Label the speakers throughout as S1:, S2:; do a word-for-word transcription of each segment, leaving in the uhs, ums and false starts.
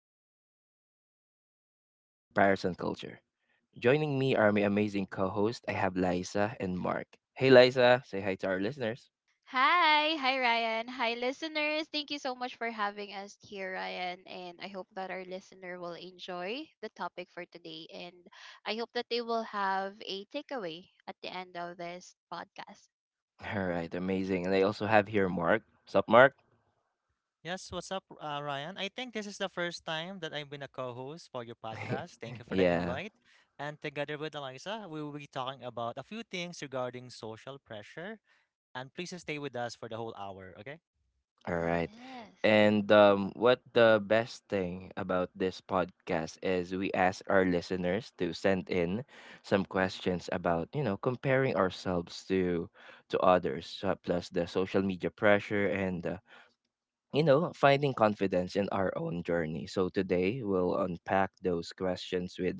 S1: that hits close to home: comparison culture. Joining me are my amazing co hosts. I have Liza and Mark. Hey Liza, say hi to our listeners.
S2: Hi, hi Ryan. Hi listeners. Thank you so much for having us here, Ryan, and I hope that our listener will enjoy the topic for today, and I hope that they will have a takeaway at the end of this podcast.
S1: All right, amazing. And I also have here Mark. What's up, Mark?
S3: Yes, what's up, uh, Ryan? I think this is the first time that I've been a co-host for your podcast. Thank you for the
S1: Yeah,
S3: invite. And together with Eliza, we will be talking about a few things regarding social pressure. And please stay with us for the whole hour, okay?
S1: all
S3: All right.
S1: right.
S2: Yes.
S1: And um, what the best thing about this podcast is we ask our listeners to send in some questions about, you know, comparing ourselves to to others, uh, plus the social media pressure and, uh, you know, finding confidence in our own journey. So today we'll unpack those questions with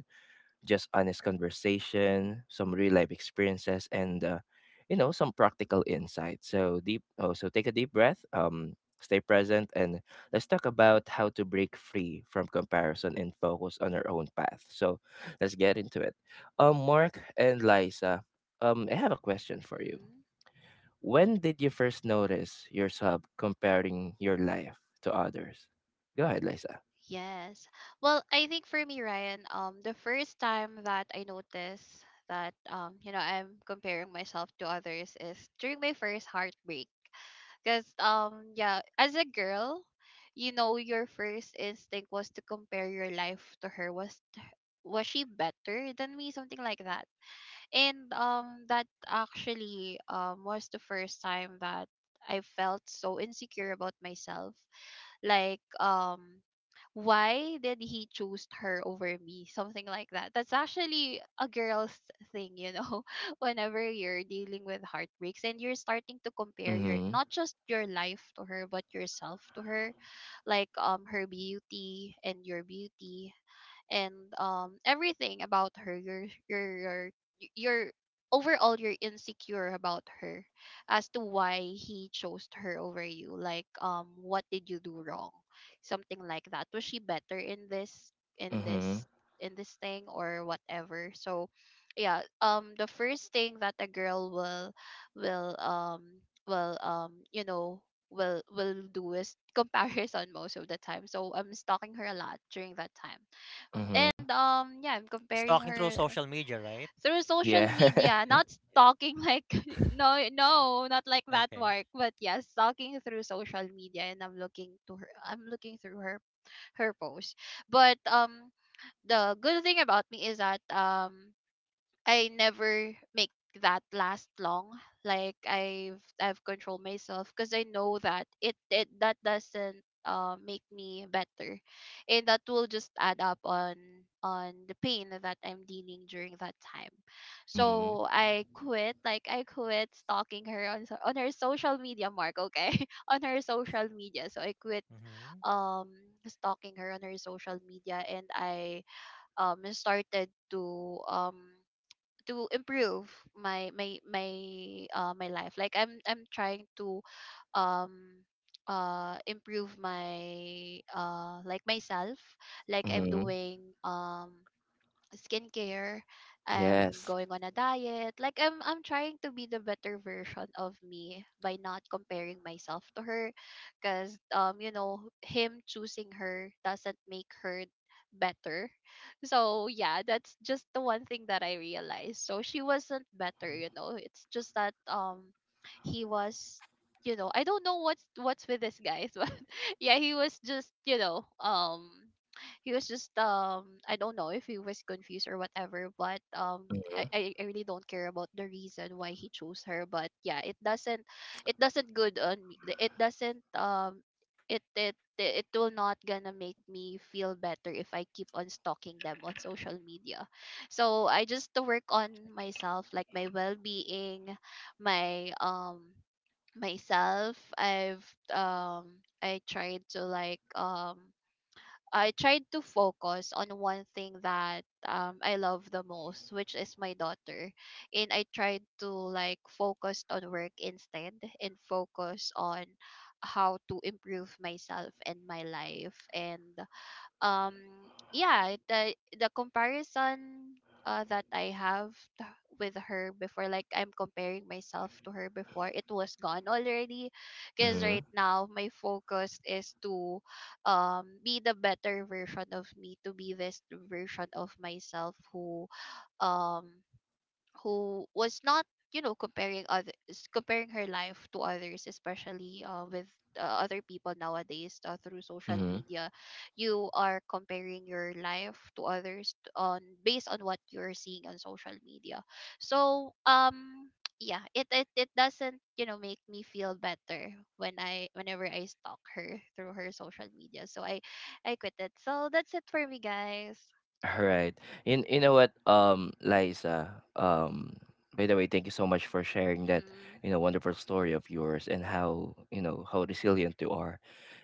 S1: just honest conversation, some real life experiences, and uh, you know, some practical insights. So deep. Oh, so take a deep breath. Um, stay present, and let's talk about how to break free from comparison and focus on our own path. So let's get into it. Um, Mark and Liza, um, I have a question for you.
S2: Mhm.
S1: When did you first notice yourself comparing your life to others? Go ahead, Liza.
S2: Yes. Well, I think for me, Ryan, um, the first time that I noticed that um, you know, I'm comparing myself to others is during my first heartbreak. Because um, yeah, as a girl, you know, your first instinct was to compare your life to her. Was was she better than me? Something like that. And um, that actually um was the first time that I felt so insecure about myself, like um why did he choose her over me, something like that. That's actually a girl's thing, you know. Whenever you're dealing with heartbreaks and you're starting to compare your,
S1: Mm-hmm.
S2: not just your life to her but yourself to her, like um her beauty and your beauty, and um everything about her, your your your your overall you're insecure about her as to why he chose her over you, like um what did you do wrong, something like that. Was she better in this in
S1: Mm-hmm.
S2: this in this thing, or whatever? So yeah um the first thing that a girl will will um will um you know will will do is comparison most of the time, so I'm stalking her a lot during that time.
S1: Mm-hmm.
S2: And um yeah, I'm comparing
S3: Stalking through
S2: her
S3: social media, right?
S2: through social
S1: Yeah.
S2: media, not stalking like, no, no, not like that,
S3: Okay.
S2: Mark, but yeah, stalking through social media, and I'm looking to her, I'm looking through her, her post. But um the good thing about me is that um I never make that last long. Like I've I've controlled myself because I know that it, it that doesn't uh make me better, and that will just add up on on the pain that I'm dealing during that time.
S1: Mm.
S2: So I quit. Like I quit stalking her on so- on her social media. Mark, okay, on her social media. So I quit
S3: Mm-hmm.
S2: um stalking her on her social media, and I um started to um to improve my my my uh my life, like i'm i'm trying to um uh improve my uh like myself, like I'm
S1: Mhm.
S2: doing um skincare. I'm
S1: Yes.
S2: going on a diet. Like I'm I'm trying to be the better version of me by not comparing myself to her, cuz um you know him choosing her doesn't make her better. So yeah, that's just the one thing that I realized. So she wasn't better, you know. It's just that um he was, you know, I don't know what's what's with this guys, but yeah, he was just, you know, um he was just, um I don't know if he was confused or whatever, but um I,
S1: Mhm.
S2: I I really don't care about the reason why he chose her. But yeah, it doesn't, it doesn't good on me. It doesn't, um it it it will not gonna make me feel better if I keep on stalking them on social media. So I just to work on myself, like my well being, my um myself. I've um I tried to like, um I tried to focus on one thing that um I love the most, which is my daughter. And I tried to like focus on work instead, and focus on how to improve myself and my life. And um yeah, the the comparison, uh, that I have t- with her before, like I'm comparing myself to her before, it was gone already, because right
S1: Mhm.
S2: now my focus is to um be the better version of me, to be this version of myself who um who was not, you know comparing other, comparing her life to others, especially uh, with uh, other people nowadays, uh, through social
S1: Mhm.
S2: media. You are comparing your life to others t- on based on what you're seeing on social media. So um yeah, it, it it doesn't, you know make me feel better when I whenever I stalk her through her social media, so i i quit it. So that's it for me, guys.
S1: Alright. You you know what, um, Liza, um, by the way, thank you so much for sharing that,
S2: Mhm.
S1: you know, wonderful story of yours and how, you know, how resilient you are.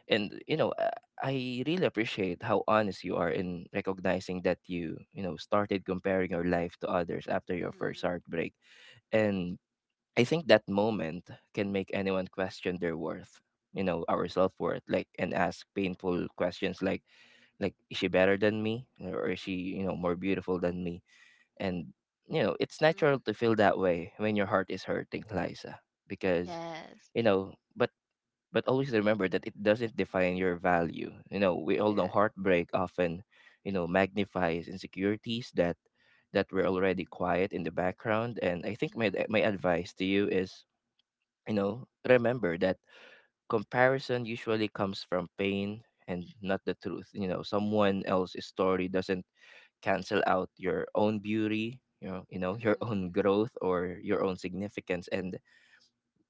S1: And, you know, uh, I really appreciate how honest you are in recognizing that you, you know, started comparing your life to others after your first
S2: Mhm.
S1: heartbreak. And I think that moment can make anyone question their worth, you know, our self worth, like and ask painful questions like like is she better than me? Or is she, you know, more beautiful than me? And you know, it's natural
S2: Mhm.
S1: to feel that way when your heart is hurting, Liza. Because,
S2: Yes.
S1: you know, but but always remember that it doesn't define your value. You know, we all know
S2: Correct.
S1: heartbreak often, you know, magnifies insecurities that that were already quiet in the background. And I think my my
S2: Mm-hmm.
S1: advice to you is you know, remember that comparison usually comes from pain and not the truth. You know, someone else's story doesn't cancel out your own beauty, you know, you know, your
S2: Mm-hmm.
S1: own growth or your own significance, and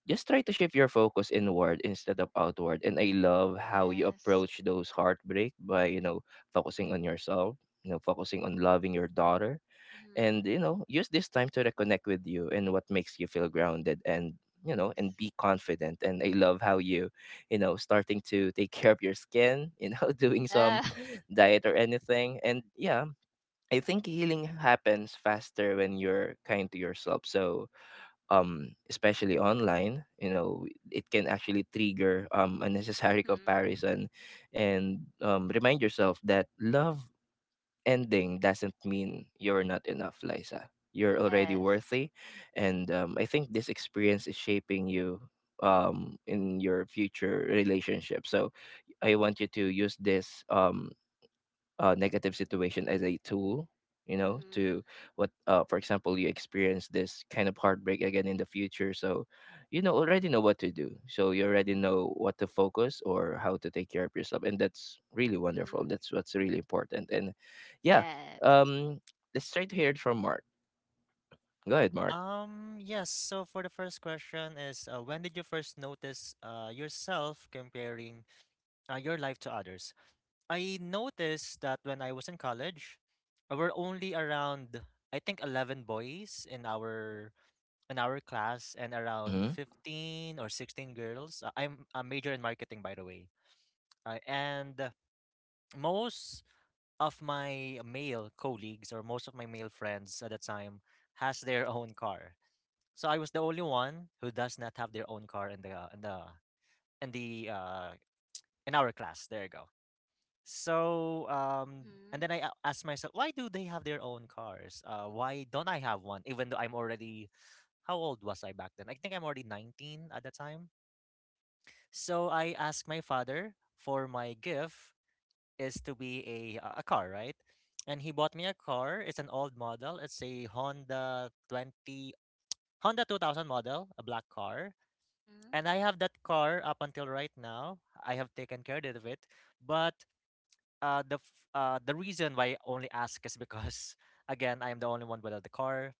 S1: just try to shift your focus inward instead of outward. And I love how you
S2: Yes.
S1: approach those heartbreak by, you know, focusing on yourself, you know, focusing on loving your daughter
S2: Mm-hmm.
S1: and you know use this time to reconnect with you and what makes you feel grounded and you know and
S2: Yes.
S1: be confident. And I love how you you know starting to take care of your skin, you know, doing
S2: Yeah.
S1: some diet or anything, and yeah, I think healing happens faster when you're kind to yourself. So um especially online, you know, it can actually trigger um unnecessary
S2: Mm-hmm.
S1: comparison. And um remind yourself that love ending doesn't mean you're not enough, Liza. You're already
S2: Yes.
S1: worthy, and um, I think this experience is shaping you um, in your future relationship. So I want you to use this. Um, uh, negative situation as a tool, you know,
S2: Mm-hmm.
S1: to what, uh, for example you experience this kind of heartbreak again in the future, so you know already know what to do, so you already know what to focus or how to take care of yourself, and that's really wonderful.
S2: Mm-hmm.
S1: That's what's really important. And yeah,
S2: Yes.
S1: um let's try to hear it from Mark. Go ahead, Mark.
S3: Um, yes, so for the first question is uh, when did you first notice uh, yourself comparing uh, your life to others? I noticed that when I was in college, there were only around I think eleven boys in our in our class and around
S1: Mm-hmm.
S3: fifteen or sixteen girls. Uh, I'm a major in marketing, by the way. Uh, and uh, most of my male colleagues or most of my male friends at the time has their own car. So I was the only one who does not have their own car in the in the in the uh in our class. There you go. So, um, and
S2: Mhm,
S3: then I a- asked myself, why do they have their own cars? Uh, why don't I have one? Even though I'm already, how old was I back then? I think I'm already nineteen at the time. So I asked my father for my gift is to be a uh, a car, right? And he bought me a car. It's an old model. It's a Honda twenty Honda two thousand model, a black car.
S2: mhm,
S3: And I have that car up until right now. I have taken care of it, but uh the f- uh the reason why I only ask is because again I'm the only one without the car.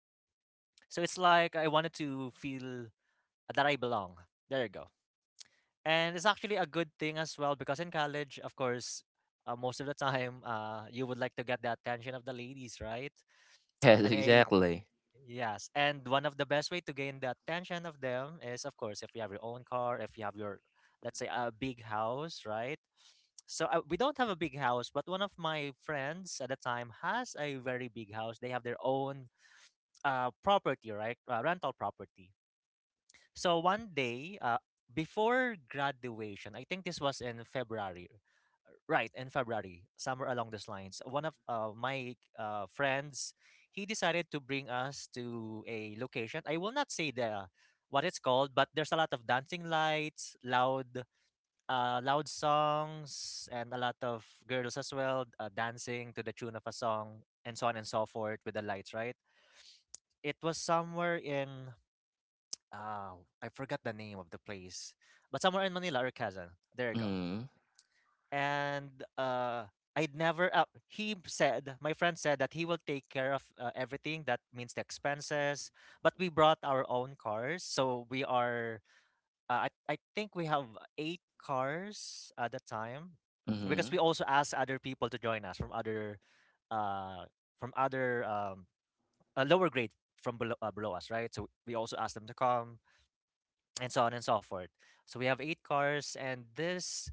S3: So it's
S2: mhm,
S3: like I wanted to feel that I belong. There you go. And it's actually a good thing as well because in college, of course, uh, most of the time, uh, you would like to get the attention of the ladies, right?
S1: Yes,
S3: And I
S1: exactly.
S3: Yes, and one of the best way to gain the attention of them is, of course, if you have your own car, if you have your, let's say, a big house, right? So uh, we don't have a big house, but one of my friends at the time has a very big house. They have their own uh, property, right? Uh, rental property. So one day, uh, before graduation, I think this was in February, right in February, somewhere along those lines. One of uh, my uh, friends, he decided to bring us to a location. I will not say the what it's called, but there's a lot of dancing lights, loud, uh, loud songs, and a lot of girls as well uh, dancing to the tune of a song, and so on and so forth with the lights. Right? It was somewhere in. Uh, I forgot the name of the place, but somewhere in Manila or Quezon. There you go.
S1: Mm-hmm.
S3: And uh I'd never uh, he said, my friend said that he will take care of uh, everything, that means the expenses, but we brought our own cars, so we are uh, I I think we have eight cars at the time because
S1: Mm-hmm.
S3: we also asked other people to join us from other uh from other um a lower grade from below, uh, below us, right? So we also asked them to come and so on and so forth. So we have eight cars and this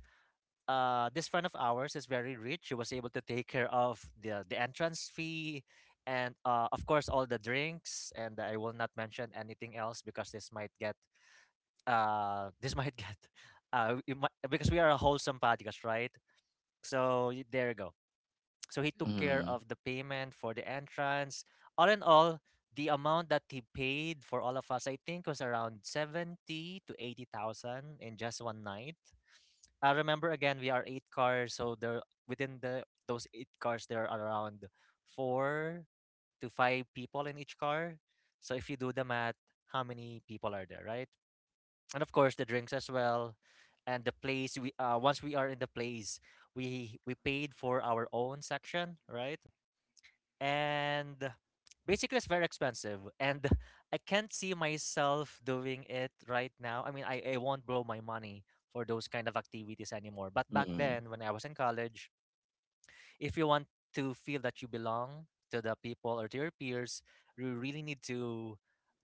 S3: uh, this friend of ours is very rich. She was able to take care of the the entrance fee, and uh, of course all the drinks. And I will not mention anything else because this might get uh this might get uh it might, because we are a wholesome podcast, right? So y- there you go. So he took care
S1: Mm-hmm.
S2: mhm,
S3: of the payment for the entrance. All in all, the amount that he paid for all of us, I think, was around seventy to eighty thousand in just one night. Uh, remember, again, we are eight cars, so there within the those eight cars there are around four to five people in each car. So if you do the math, how many people are there, right? And of course the drinks as well, and the place we uh, once we are in the place, we we paid for our own section, right? And basically it's very expensive, and I can't see myself doing it right now. I mean, I, I won't blow my money for those kind of activities anymore. But back
S1: Mm-hmm.
S3: then when I was in college, if you want to feel that you belong to the people or to your peers, you really need to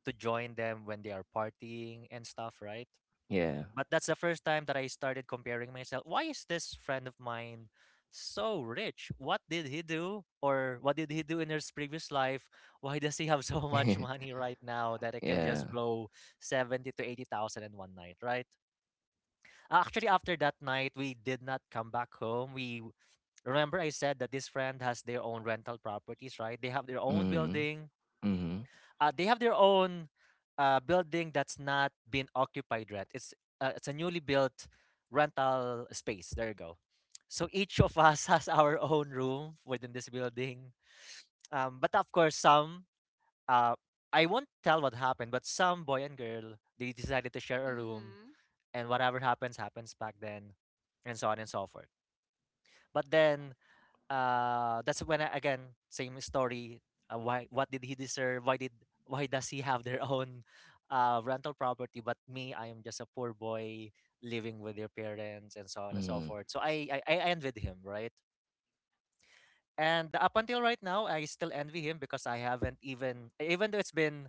S3: to join them when they are partying and stuff, right?
S1: Yeah.
S3: But that's the first time that I started comparing myself. Why is this friend of mine so rich? What did he do? Or what did he do in his previous life? Why does he have so much money right now that it can
S1: Yeah.
S3: just blow seventy to eighty thousand in one night, right? Actually, after that night, we did not come back home. We remember I said that this friend has their own rental properties, right? They have their own
S1: Mm-hmm.
S3: building,
S1: Mm-hmm.
S3: uh, they have their own uh, building that's not been occupied yet. It's uh, it's a newly built rental space. There you go. So each of us has our own room within this building. Um, but of course, some uh, I won't tell what happened, but some boy and girl, they decided to share a room,
S2: mhm,
S3: and whatever happens happens back then, and so on and so forth. But then uh that's when I, again, same story. Uh, why, what did he deserve? Why did, why does he have their own uh rental property, but me, I am just a poor boy living with their parents and so on and so
S1: Mm-hmm.
S3: forth. So i i, I envied him, right? And up until right now I still envy him, because I haven't even, even though it's been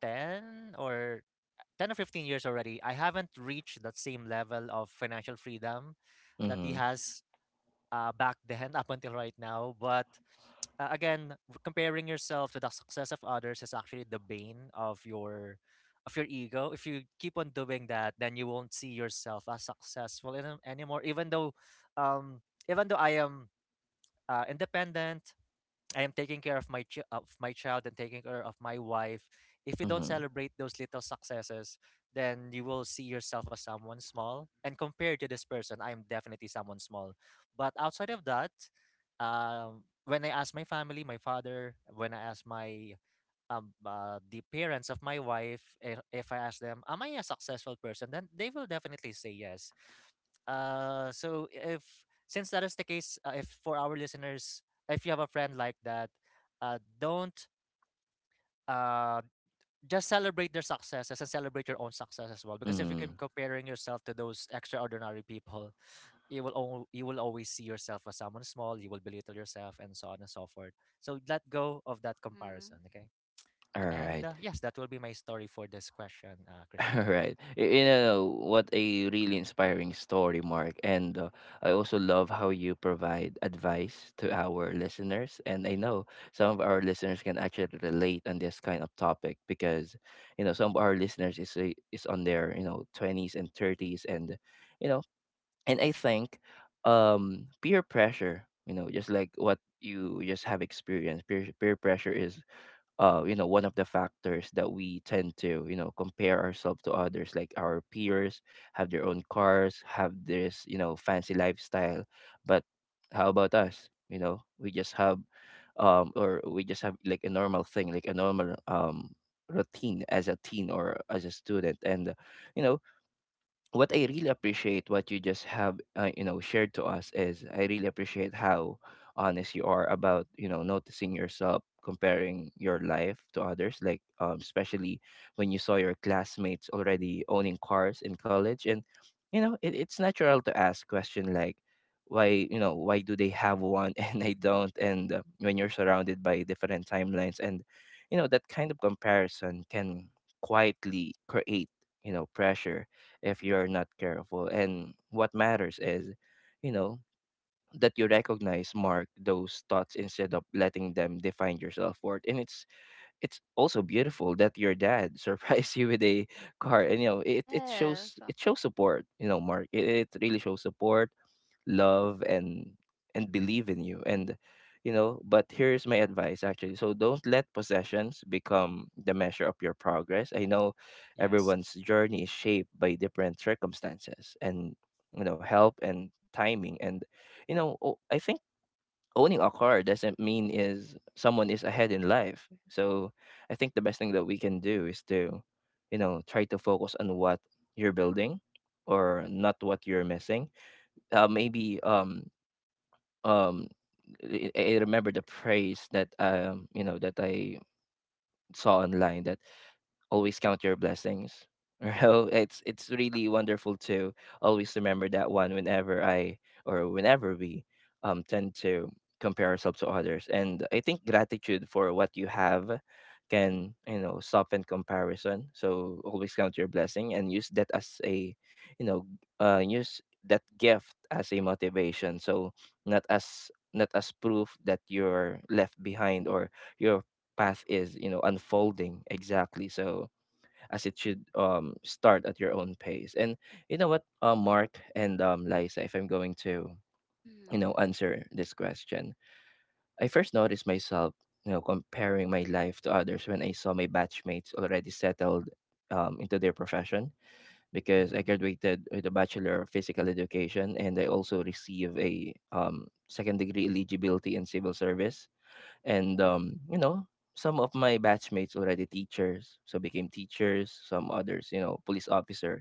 S3: ten or ten or fifteen years already, I haven't reached that same level of financial freedom that he
S1: Mm-hmm.
S3: has uh, back then up until right now. But uh, again, comparing yourself to the success of others is actually the bane of your of your ego. If you keep on doing that, then you won't see yourself as successful in, anymore. Even though, um, Even though I am uh, independent, I am taking care of my chi- of my child and taking care of my wife. If you don't
S1: Mhm,
S3: celebrate those little successes, then you will see yourself as someone small. And compared to this person, I am definitely someone small. But outside of that, um, when I ask my family, my father, when I ask my um, uh, the parents of my wife, if, if I ask them, "Am I a successful person?" then they will definitely say yes. Uh, so if Since that is the case, uh, if for our listeners, if you have a friend like that, uh, don't uh just celebrate their successes and celebrate your own success as well. Because if you keep
S1: mhm.
S3: comparing yourself to those extraordinary people, you will al- you will always see yourself as someone small. You will belittle yourself, and so on and so forth. So let go of that comparison,
S2: mhm.
S3: okay? And
S1: Alright,
S3: uh, yes, that will be my story for this question, uh, Christian.
S1: alright. Y you know, what a really inspiring story, Mark, and, uh, I also love how you provide advice to our listeners, and I know some of our listeners can actually relate on this kind of topic because, you know, some of our listeners is a is on their, you know, twenties and thirties and, you know, and I think, um, peer pressure, you know, just like what you just have experienced, peer peer pressure is uh, you know, one of the factors that we tend to, you know, compare ourselves to others, like our peers have their own cars, have this, you know, fancy lifestyle. But how about us? You know, we just have, um, or we just have like a normal thing, like a normal, um, routine as a teen or as a student and uh, you know what I really appreciate what you just have uh, you know shared to us is I really appreciate how honest you are about you know noticing yourself comparing your life to others like um, especially when you saw your classmates already owning cars in college, and you know it, it's natural to ask question like why, you know, why do they have one and I don't, and uh, when you're surrounded by different timelines and you know that kind of comparison can quietly create you know pressure if you're not careful. And what matters is, you know, that you recognize Mark those thoughts instead of letting them define your self-worth. And it's it's also beautiful that your dad surprised you with a car, and you know it, it
S2: Yes.
S1: shows it shows support, you know, Mark, it, it really shows support, love and and believe in you. And you know but here's my advice actually, so don't let possessions become the measure of your progress. I know
S3: Yes.
S1: everyone's journey is shaped by different circumstances and you know help and timing and you know o- I think owning a car doesn't mean is someone is ahead in life. So I think the best thing that we can do is to you know try to focus on what you're building or not what you're missing. Uh, maybe um um I, I remember the praise that um you know that I saw online that always count your blessings. You know, it's it's really wonderful to always remember that one whenever I or whenever we um tend to compare ourselves to others. And I think gratitude for what you have can, you know, soften comparison. So always count your blessing and use that as a, you know, uh use that gift as a motivation. So not as not as proof that you're left behind or your path is you know unfolding exactly so as it should um start at your own pace. And you know what, uh, Mark and um Liza, if I'm going to you know
S2: Mhm,
S1: answer this question, I first noticed myself you know comparing my life to others when I saw my batchmates already settled um into their profession, because I
S3: Mm-hmm.
S1: graduated with a bachelor of physical education and I also received a um second degree eligibility in civil service. And um, you know, some of my batchmates already teachers, so became teachers, some others you know police officer,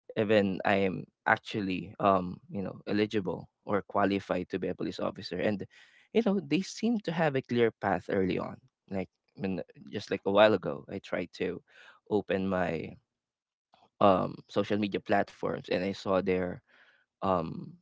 S1: even I am actually um you know eligible or qualified to be a police officer. And you know they seem to have a clear path early on, like when just like a while ago I tried to open my um social media platforms and I saw their um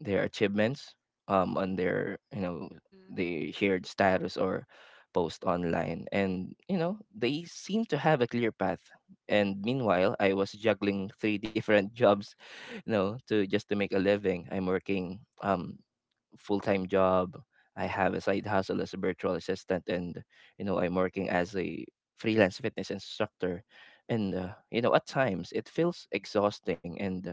S1: their achievements um on their you know
S2: mhm.
S1: they shared status or post online, and you know they seem to have a clear path. And meanwhile I was juggling three different jobs, you know, to just to make a living. I'm working um full-time job. I have a side hustle as a virtual assistant, and you know I'm working as a freelance fitness instructor. And uh, you know at times it feels exhausting and uh,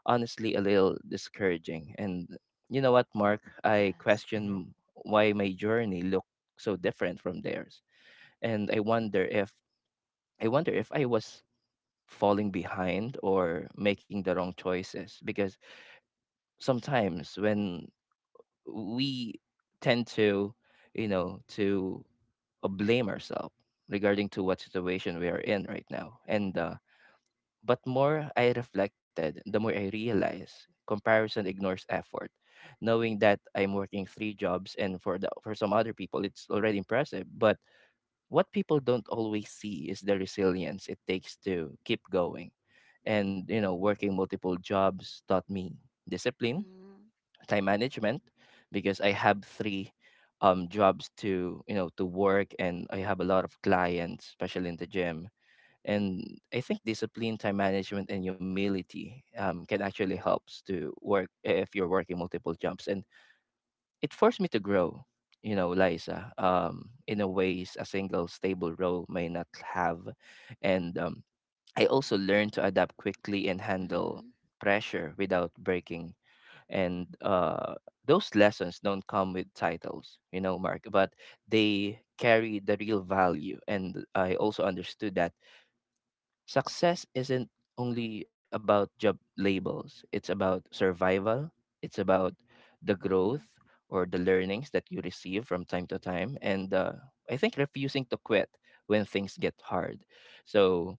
S1: honestly a little discouraging. And you know what, Mark, I
S2: Yes.
S1: question why my journey looked so different from theirs, and I wonder if I wonder if I was falling behind or making the wrong choices, because sometimes when we tend to you know to uh, blame ourselves regarding to what situation we are in right now. And uh, but more I reflected the more I realize comparison ignores effort, knowing that I'm working three jobs, and for the for some other people it's already impressive, but what people don't always see is the resilience it takes to keep going. And you know working multiple jobs taught me discipline,
S2: Mhm,
S1: time management, because I have three um jobs to you know to work, and I have a lot of clients, especially in the gym. And I think discipline, time management, and humility um, can actually helps to work if you're working multiple jobs. And it forced me to grow, you know, Liza, um, in a ways a single stable role may not have. And um, I also learned to adapt quickly and handle
S2: mhm,
S1: pressure without breaking, and uh, those lessons don't come with titles, you know, Mark, but they carry the real value. And I also understood that success isn't only about job labels, it's about survival, it's about the growth
S2: mhm.
S1: or the learnings that you receive from time to time, and uh, I think refusing to quit when things get hard. So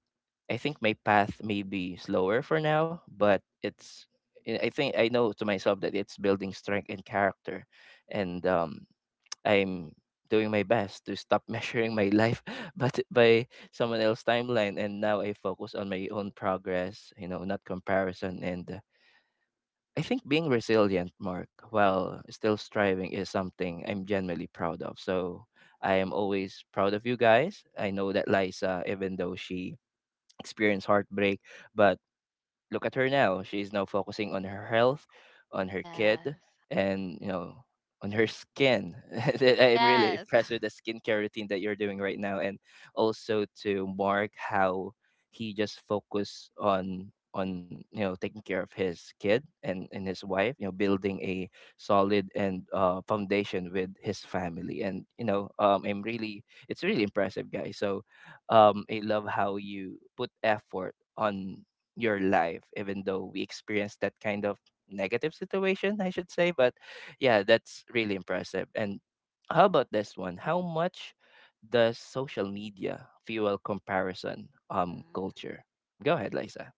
S1: I think my path may be slower for now, but it's I I think I know to myself that it's building strength and character, and um, I'm doing my best to stop measuring my life but by someone else's timeline. And now I focus on my own progress, you know, not comparison, and uh, I think being resilient, Mark, while still striving is something I'm genuinely proud of. So I am always proud of you guys. I know that, Liza, even though she experienced heartbreak, but look at her now. She is now focusing on her health, on her kid,
S2: Yes.
S1: and, you know, on her skin. I'm really
S2: Yes.
S1: impressed with the skincare routine that you're doing right now. And also to Mark, how he just focused on on you know, taking care of his kid, and and his wife, you know, building a solid and uh foundation with his family. And you know, um I'm really, it's really impressive, guys. So um I love how you put effort on your life, even though we experienced that kind of negative situation, I should say, but yeah, that's really impressive. And how about this one? How much does social media fuel comparison um
S2: Mm-hmm.
S1: culture? Go ahead, Liza.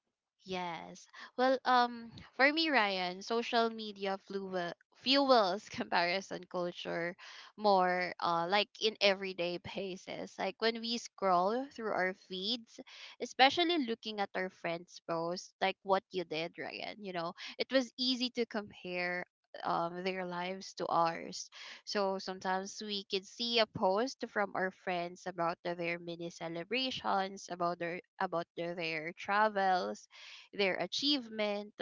S2: Yes. Well, um, for me, Ryan, social media fluel fuels comparison culture more, uh, like in everyday basis. Like when we scroll through our feeds, especially looking at our friends' posts, like what you did, Ryan, you know, it was easy to compare um, their lives to ours. So sometimes we could see a post from our friends about the- their mini celebrations, about their about their, their travels, their achievement.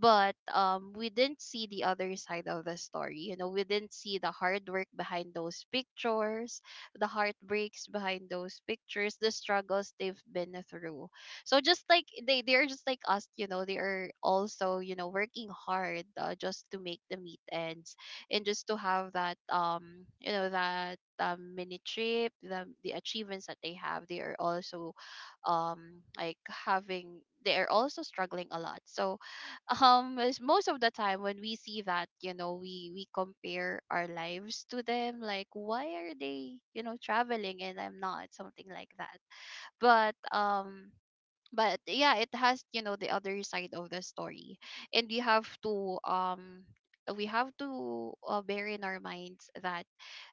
S2: But um we didn't see the other side of the story you know We didn't see the hard work behind those pictures, the heartbreaks behind those pictures, the struggles they've been through. So just like they they're just like us. you know they are also, you know working hard, uh, just to make the meet ends, and just to have that um you know that um, mini trip, the the achievements that they have. They are also um like having, they are also struggling a lot. So um is- most of the time when we see that, you know we we compare our lives to them, like why are they, you know traveling and I'm not, something like that. But um but yeah, it has, you know the other side of the story. And we have to um we have to uh, bear in our minds that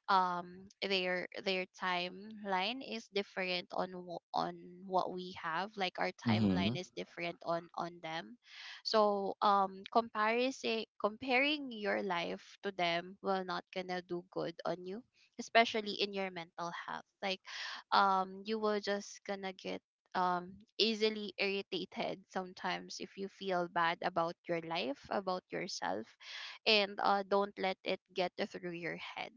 S2: um their their timeline is different on wh- on what we have, like our
S1: Mm-hmm.
S2: timeline is different on on them. So um comparison comparing your life to them will not gonna do good on you, especially in your mental health, like um you will just gonna get um easily irritated sometimes if you feel bad about your life, about yourself. And uh don't let it get through your head.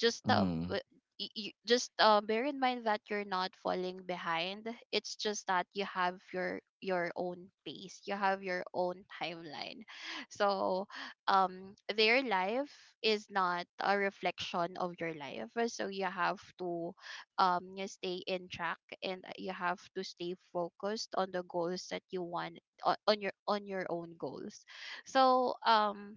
S2: Just, uh,
S1: Mm-hmm.
S2: w- y- y- just uh, bear in mind that you're not falling behind. It's just that you have your your own pace, you have your own timeline. So um their life is not a reflection of your life, so you have to, um you stay in track, and you have to stay focused on the goals that you want, o- on your on your own goals. So um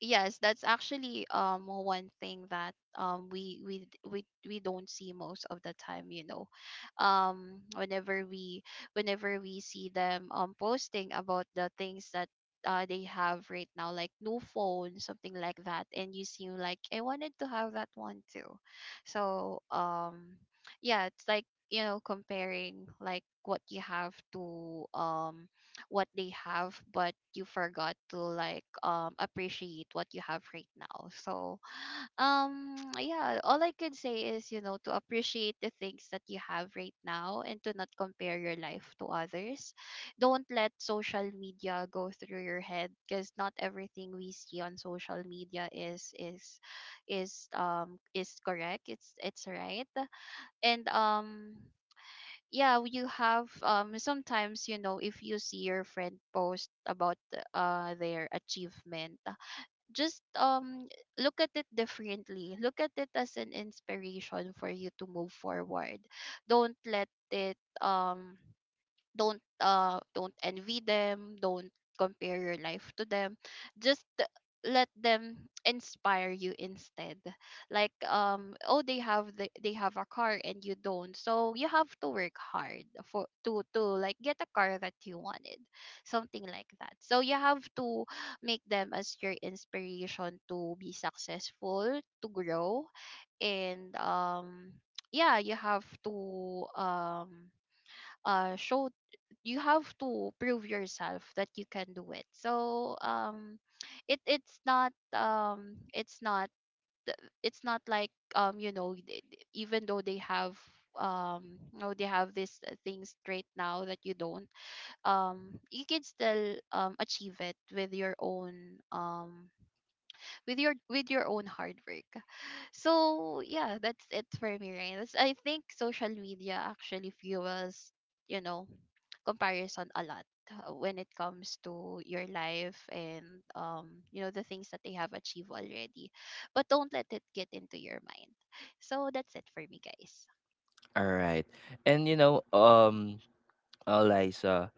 S2: yes, that's actually um one thing that um we we we we don't see most of the time, you know, um whenever we whenever we see them um posting about the things that, uh, they have right now, like new phone, something like that, and you seem like I wanted to have that one too. So um yeah, it's like, you know comparing like what you have to um what they have, but you forgot to like, um appreciate what you have right now. So um yeah, all I could say is, you know to appreciate the things that you have right now and to not compare your life to others. Don't let social media go through your head, because not everything we see on social media is is is um is correct, it's, it's right. And um yeah, you have, um sometimes, you know, if you see your friend post about the- uh their achievement, uh, just um look at it differently, look at it as an inspiration for you to move forward. Don't let it, um don't uh don't envy them, don't compare your life to them, just let them inspire you instead. Like, um oh, they have, the, they have a car and you don't, so you have to work hard for to to like get a car that you wanted, something like that. So you have to make them as your inspiration to be successful, to grow. And um yeah, you have to, um uh show, you have to prove yourself that you can do it. So um it it's not, um it's not it's not like, um you know th- th- even though they have, um you know they have these, uh, things straight now that you don't, um you can still um achieve it with your own, um with your with your own hard work. So yeah, that's it for me, right? That's- I think social media actually fuels, you know comparison a lot, uh, when it comes to your life, and um you know the things that they have achieved already, but don't let it get into your mind. So that's it for me, guys.
S1: All right. And you know, um, uh, Liza,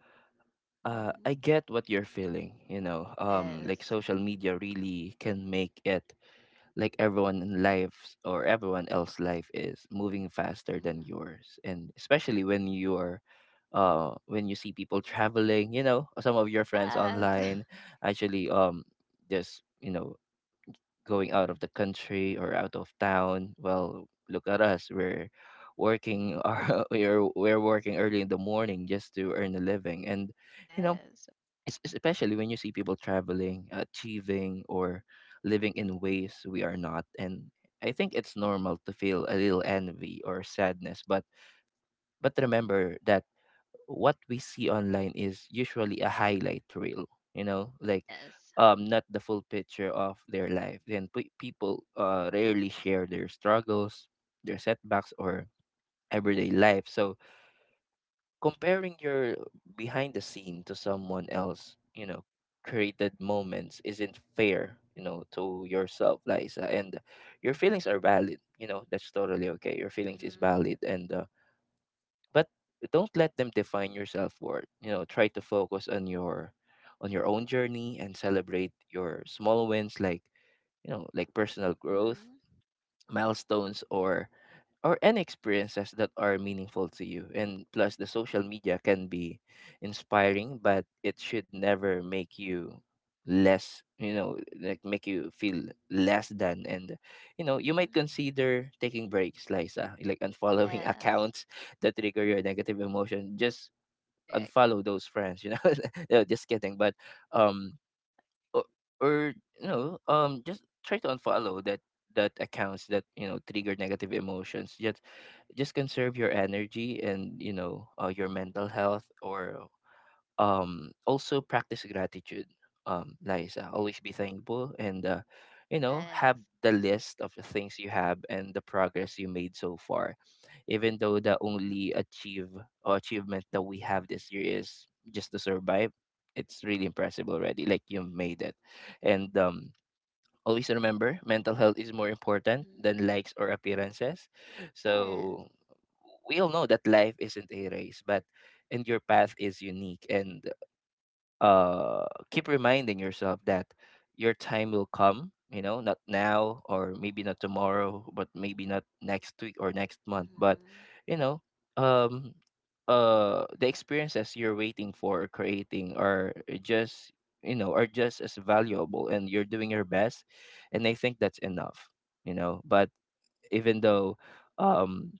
S1: uh, I
S2: Mm-hmm.
S1: get what you're feeling. You know, um, like
S2: Yes.
S1: social media really can make it like everyone in life or everyone else's life is moving faster than
S2: Mm-hmm.
S1: yours, and especially when you are uh when you see people traveling, you know, some of your friends
S2: Yes.
S1: online, actually, um just, you know, going out of the country or out of town. Well, look at us, we're working or we're we're working early in the morning just to earn a living. And you know,
S2: Yes.
S1: es- especially when you see people traveling, achieving, or living in ways we are not. And I think it's normal to feel a little envy or sadness, but but remember that what we see online is usually a highlight reel, you know, like,
S2: Yes.
S1: um not the full picture of their life. And pe- people uh rarely share their struggles, their setbacks, or everyday life. So comparing your behind the scene to someone else, you know, created moments isn't fair, you know, to yourself, Liza. And your feelings are valid, you know, that's totally okay, your feelings is
S2: Mm-hmm.
S1: valid, and uh, but don't let them define your self-worth. You know, try to focus on your on your own journey and celebrate your small wins, like, you know, like personal growth
S2: Mm-hmm.
S1: milestones or or any experiences that are meaningful to you. And plus, the social media can be inspiring, but it should never make you less, you know, like make you feel less than. And, you know, you might
S2: Mm-hmm.
S1: consider taking breaks, Liza, like unfollowing
S2: Yes.
S1: accounts that trigger your negative emotion. Just
S2: Correct.
S1: unfollow those friends, you know. No, just kidding. But, um, or, or you know, um just try to unfollow that that accounts that, you know, trigger negative emotions. Just just conserve your energy, and, you know, uh, your mental health, or um also practice gratitude, um Liza, always be thankful, and uh, you know, have
S2: Yes.
S1: the list of the things you have and the progress you made so far. Even though the only achieve or achievement that we have this year is just to survive, it's really impressive already, like you made it. And um always remember mental health is more important than
S2: Mm-hmm.
S1: likes or appearances.
S2: Yes.
S1: So we all know that life isn't a race, but and your path is unique, and uh keep reminding yourself that your time will come, you know, not now or maybe not tomorrow, but maybe not next week or next month. But,
S2: Mm-hmm.
S1: you know, um uh the experiences you're waiting for or creating are just, you know, are just as valuable, and you're doing your best, and I think that's enough, you know. But even though, um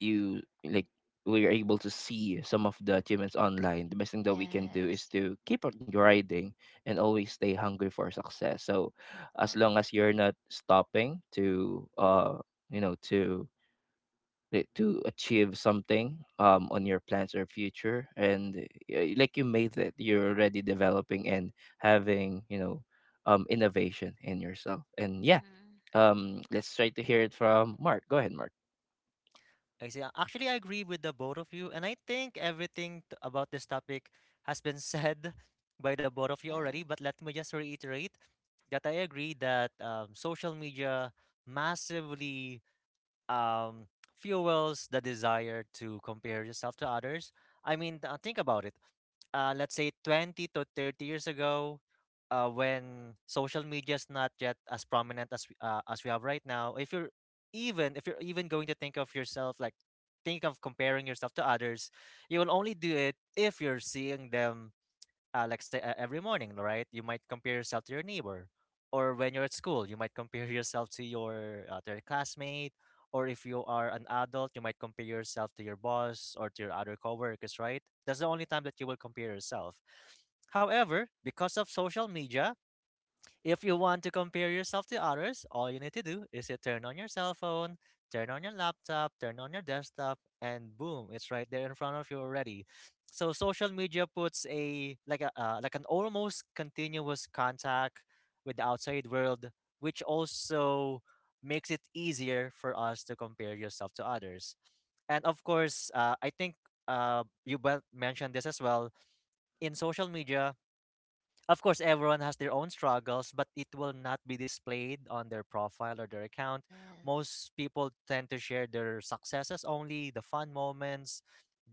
S1: you like, we're able to see some of the achievements online, the best thing that we can do is
S2: Yes.
S1: to keep on grinding and always stay hungry for success. So as
S2: Correct.
S1: long as you're not stopping to uh you know, to i- to achieve something um on your plans or future, and uh, like you made it, you're already developing and having, you know, um innovation in yourself. And yeah,
S2: Mm-hmm.
S1: um let's try to hear it from Mark. Go ahead, Mark.
S3: I see. Actually, I agree with the both of you, and I think everything t- about this topic has been said by the both of you already.
S2: Yes.
S3: But let me just reiterate that I agree that um, social media massively, um, fuels the desire to compare yourself to others. I mean, uh, think about it. Uh, let's say twenty to thirty years ago, uh, when social media is not yet as prominent as we- uh, as we have right now. If you're, even if you're even going to think of yourself like think of comparing yourself to others, you will only do it if you're seeing them uh, like say uh, every morning, right? You might compare yourself to your neighbor, or when you're at school, you might compare yourself to your uh, to your classmate, or if you are an adult, you might compare yourself to your boss or to your other coworkers, right? That's the only time that you will compare yourself. However, because of social media, if you want to compare yourself to others, all you need to do is to turn on your cell phone, turn on your laptop, turn on your desktop, and boom, it's right there in front of you already. So social media puts a like a uh, like an almost continuous contact with the outside world, which also makes it easier for us to compare yourself to others. And of course, uh, I think uh, you both mentioned this as well. In social media, of course, everyone has their own struggles, but it will not be displayed on their profile or their account.
S2: Yes.
S3: Most people tend to share their successes only, the fun moments,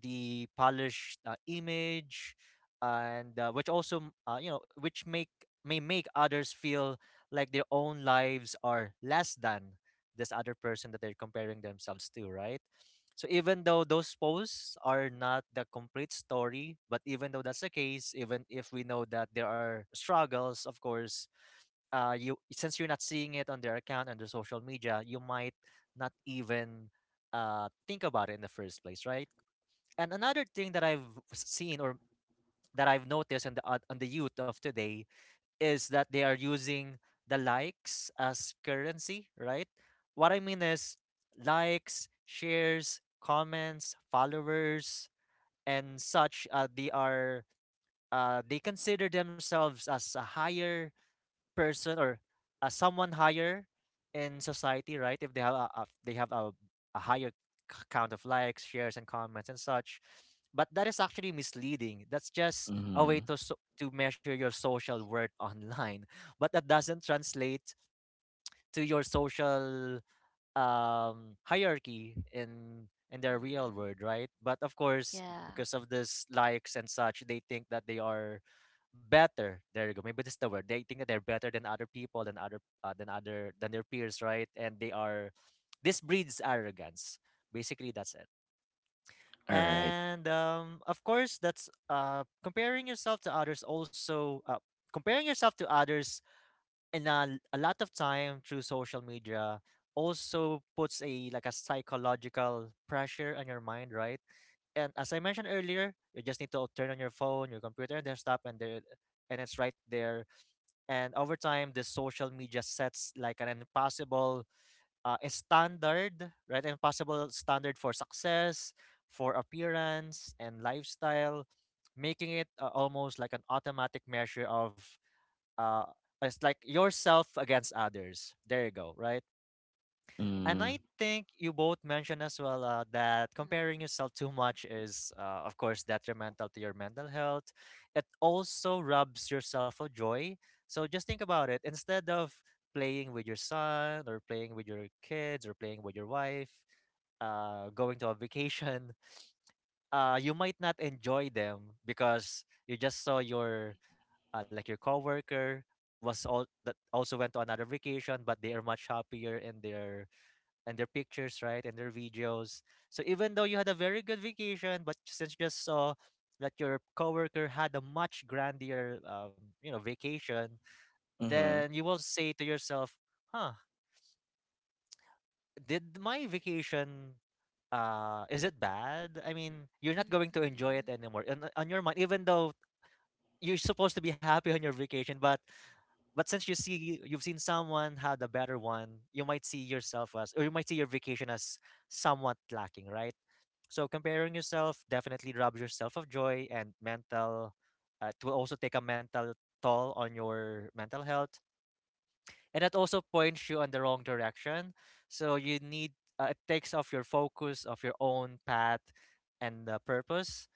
S3: the polished uh, image, and uh, which also m- uh, you know, which make may make others feel like their own lives are less than this other person that they're comparing themselves to, right? So even though those posts are not the complete story, but even though that's the case, even if we know that there are struggles, of course, uh, you since you're not seeing it on their account on their social media, you might not even uh, think about it in the first place, right? And another thing that I've seen or that I've noticed on the uh, on the youth of today is that they are using the likes as currency, right? What I mean is likes, shares, comments, followers, and such. Uh, they are uh, they consider themselves as a higher person or uh, someone higher in society, right? If they have a, a they have a, a higher c- count of likes, shares, and comments and such, but that is actually misleading. That's just a way
S1: Mhm.
S3: to so- to measure your social worth online, but that doesn't translate to your social um hierarchy in in their real
S2: Mhm.
S3: world, right? But of course,
S2: Yeah.
S3: because of this likes and such, they think that they are better. There you go, maybe this is the word. They think that they're better than other people, than other uh, than other than their peers, right? and they are This breeds arrogance, basically. That's it.
S1: All
S3: And um of course, that's uh comparing yourself to others. Also, uh, comparing yourself to others, and uh, a lot of time through social media also puts a like a psychological pressure on your mind, right? And as I mentioned earlier, you just need to turn on your phone, your computer, and desktop, and there and it's right there. And over time, the social media sets like an impossible uh, a standard, right? Impossible standard for success, for appearance and lifestyle, making it uh, almost like an automatic measure of uh it's like yourself against others. There you go, right? And I
S1: right.
S3: think you both mentioned as well uh, that
S2: Mhm.
S3: comparing yourself too much is uh, of course detrimental to your mental health. It also robs yourself of joy. So just think about it. Instead of playing with your son or playing with your kids or playing with your wife, uh, going to a vacation, uh, you might not enjoy them because you just saw your uh, like your coworker was all that also went to another vacation, but they are much happier in their and their pictures, right? And their videos. So even though you had a very good vacation, but since you just saw that your coworker had a much grandier um, you know vacation,
S1: Mm-hmm.
S3: then you will say to yourself, huh, did my vacation, uh is it bad? I mean, you're not going to enjoy it
S2: Mhm.
S3: anymore on, on your mind, even though you're supposed to be happy on your vacation, but But since you see you've seen someone had a better one, you might see yourself as or you might see your vacation as somewhat lacking, right? So comparing yourself definitely robs yourself of joy. And mental uh, it will also take a mental toll on your mental health. And that also points you on the wrong direction. So you need uh, it takes off your focus of your own path and uh, purpose.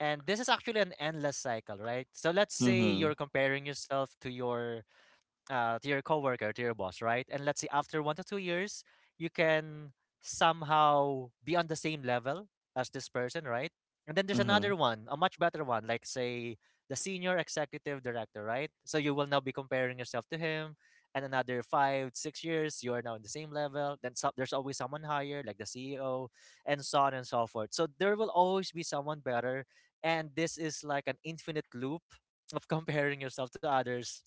S3: And this is actually an endless cycle, right? So let's say you're
S1: Mm-hmm.
S3: comparing yourself to your uh, to your coworker, to your boss, right? And let's say after one to two years, you can somehow be on the same level as this person, right? And then there's
S1: Mm-hmm.
S3: another one, a much better one, like say the senior executive director, right? So you will now be comparing yourself to him, and another five, six years, you are now in the same level. Then so, there's always someone higher, like the C E O, and so on and so forth. So there will always be someone better, and this is like an infinite loop of comparing yourself to others,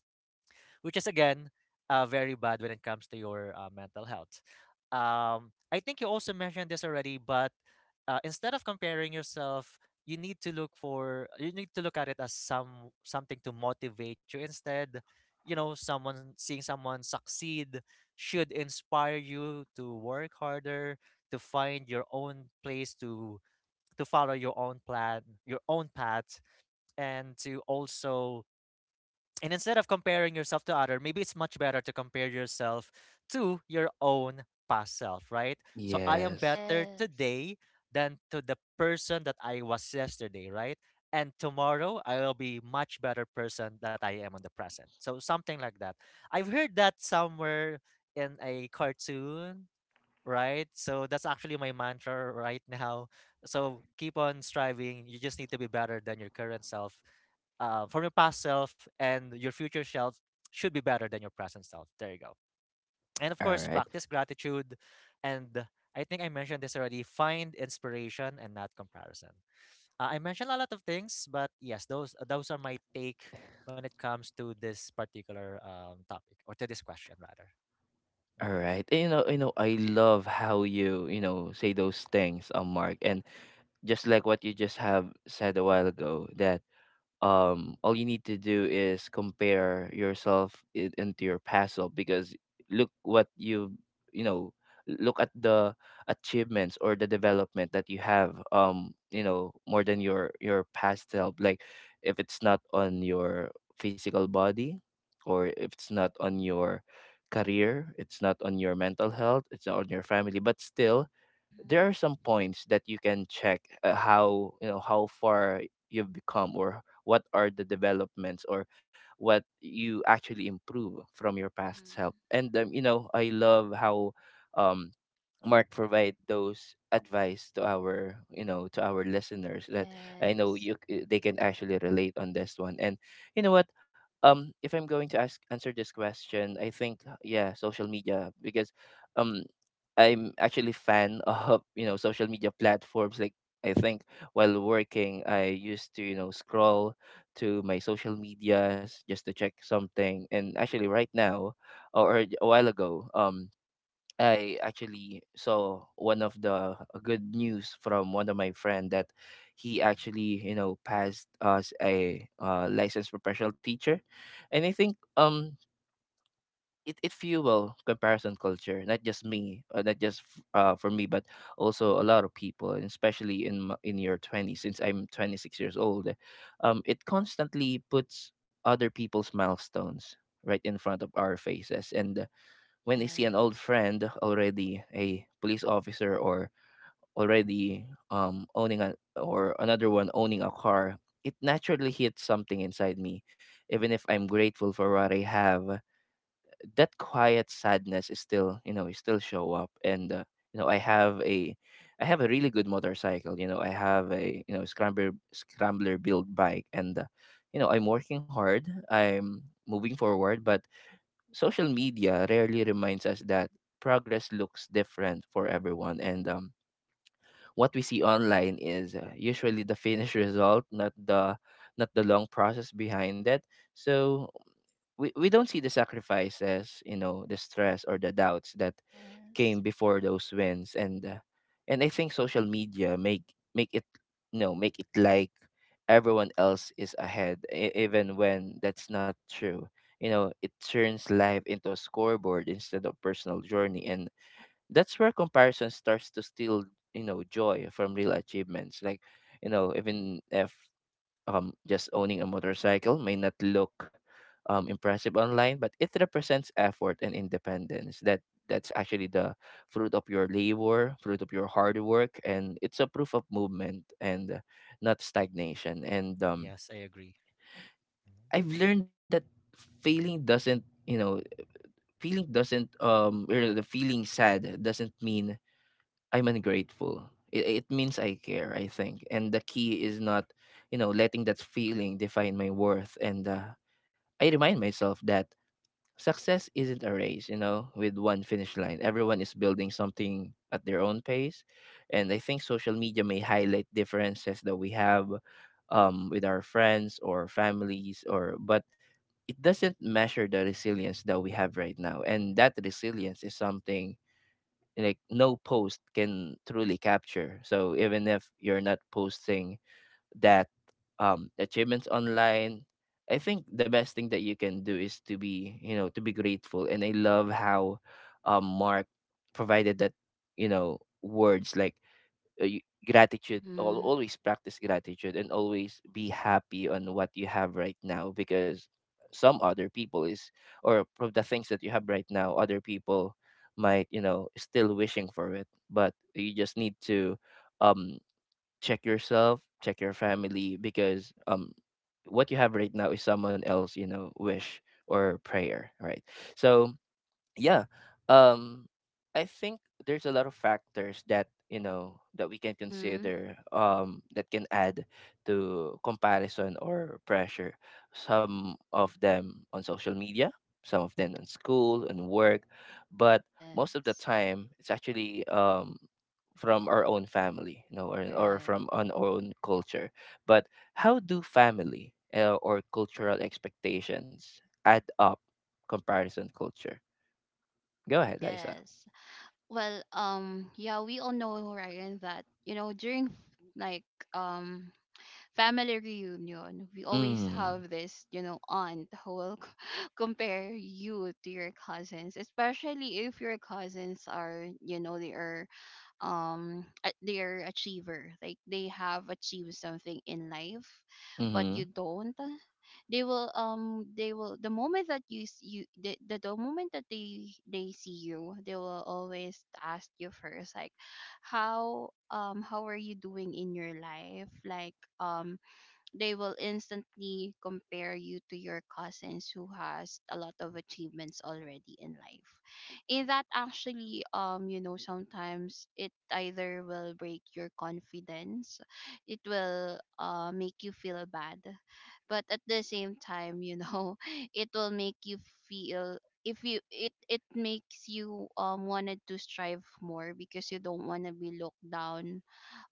S3: which is again uh, very bad when it comes to your uh, mental health. Um, I think you also mentioned this already, but uh, instead of comparing yourself, you need to look for you need to look at it as some something to motivate you instead. You know, someone seeing someone succeed should inspire you to work harder, to find your own place to to follow your own plan, your own path, and to also and instead of comparing yourself to other, maybe it's much better to compare yourself to your own past self, right? So I am
S1: Yes.
S3: better
S2: Yes.
S3: today than to the person that I was yesterday, right? And tomorrow I will be much better person that I am in the present. So something like that. I've heard that somewhere in a cartoon, right? So that's actually my mantra right now. So keep on striving. You just need to be better than your current self. Uh, from your past self, and your future self should be better than your present self. There you go. And
S1: All
S3: of course,
S1: right.
S3: practice gratitude. And I think I mentioned this already, find inspiration and not comparison. Uh, I mentioned a lot of things, but yes, those those are my take when it comes to this particular um, topic, or to this question rather.
S1: All
S3: Mhm.
S1: right. And, you know, you know, I love how you, you know, say those things, um, Mark. And just like what you just have said a while ago, that um all you need to do is compare yourself in, into your past self, because look what you you know, look at the achievements or the development that you have, um you know, more than your your past self. Like, if it's not on your physical body, or if it's not on your career, it's not on your mental health, it's not on your family, but still there are
S2: Mhm.
S1: some points that you can check, uh, how, you know, how far you've become, or what are the developments, or what you actually improve from your past
S2: Mhm.
S1: self. And, um, you know, I love how um Mark provide those advice to our, you know, to our listeners, that I know
S2: Yes.
S1: you c- they can actually relate on this one. And you know what, um if I'm going to ask answer this question, I think, yeah, social media. Because um I'm actually fan of, you know, social media platforms. Like, I think while working, I used to, you know, scroll to my social medias just to check something. And actually, right now or a while ago, um, I actually saw one of the good news from one of my friend, that he actually, you know, passed as a uh, licensed professional teacher. And I think um it, it fuel comparison culture, not just me, uh, not just f- uh, for me, but also a lot of people, and especially in m- in your twenties, since I'm twenty-six years old. Um, it constantly puts other people's milestones right in front of our faces, and uh, when I see an old
S2: Yes.
S1: friend already a police officer, or already, um, owning a, or another one owning a car, it naturally hits something inside me. Even if I'm grateful for what I have, that quiet sadness is still, you know, it still show up. And uh, you know, i have a I have a really good motorcycle, you know, I have a, you know, scrambler scrambler build bike. And uh, you know, I'm working hard, I'm moving forward, but social media rarely reminds us that progress looks different for everyone. And um what we see online is, uh, usually the finished result, not the not the long process behind it. So, we, we don't see the sacrifices, you know, the stress or the doubts that
S2: Yes.
S1: came before those wins. And uh, and I think social media make make it, you know, make it like everyone else is ahead, e- even when that's not true. You know, it turns life into a scoreboard instead of personal journey, and that's where comparison starts to steal, you know, joy from real achievements. Like, you know, even if, um just owning a motorcycle may not look um impressive online, but it represents effort and independence, that that's actually the fruit of your labor, fruit of your hard work. And it's a proof of movement, and uh, not stagnation. And um
S3: Yes, I agree. Mhm.
S1: I've learned that failing doesn't, you know, feeling doesn't, um or the feeling sad, doesn't mean I'm ungrateful. It, it means I care, I think. And the key is not, you know, letting that feeling define my worth. And uh, I remind myself that success isn't a race, you know, with one finish line. Everyone is building something at their own pace. And I think social media may highlight differences that we have, um, with our friends or families, or but it doesn't measure the resilience that we have right now, and that resilience is something like no post can truly capture. So even if you're not posting that um achievements online, I think the best thing that you can do is to be, you know, to be grateful. And I love how um Mark provided that, you know, words like uh, you- gratitude, al-
S2: Mhm.
S1: always practice gratitude and always be happy on what you have right now, because some other people is, or from the things that you have right now, other people might, you know, still wishing for it, but you just need to um check yourself, check your family, because um what you have right now is someone else, you know, wish or prayer, right? So yeah. Um i think there's a lot of factors that, you know, that we can
S2: Mhm.
S1: consider, um that can add to comparison or pressure. Some of them on social media, some of them in school and work, but most of the
S2: Yes.
S1: time it's actually um from our own family, you know, or, or
S2: Correct.
S1: from on our own culture. But how do family uh, or cultural expectations add up comparison culture? Go ahead, Liza.
S2: Yes. Well, um, yeah, we all know, Ryan, that, you know, during f- like um family reunion, we always
S1: Mm.
S2: have this, you know, aunt who will c- compare you to your cousins, especially if your cousins are, you know, they are um a- they are achiever, like they have achieved something in life, but you
S1: Mhm.
S2: don't. They will um they will the moment that you s- you the, the, the moment that they they see you, they will always ask you first, like how um how are you doing in your life, like um they will instantly compare you to your cousins who has a lot of achievements already in life. And that actually, um you know, sometimes it either will break your confidence, it will uh make you feel bad, but at the same time, you know, it will make you feel, if you it it makes you um wanted to strive more because you don't want to be looked down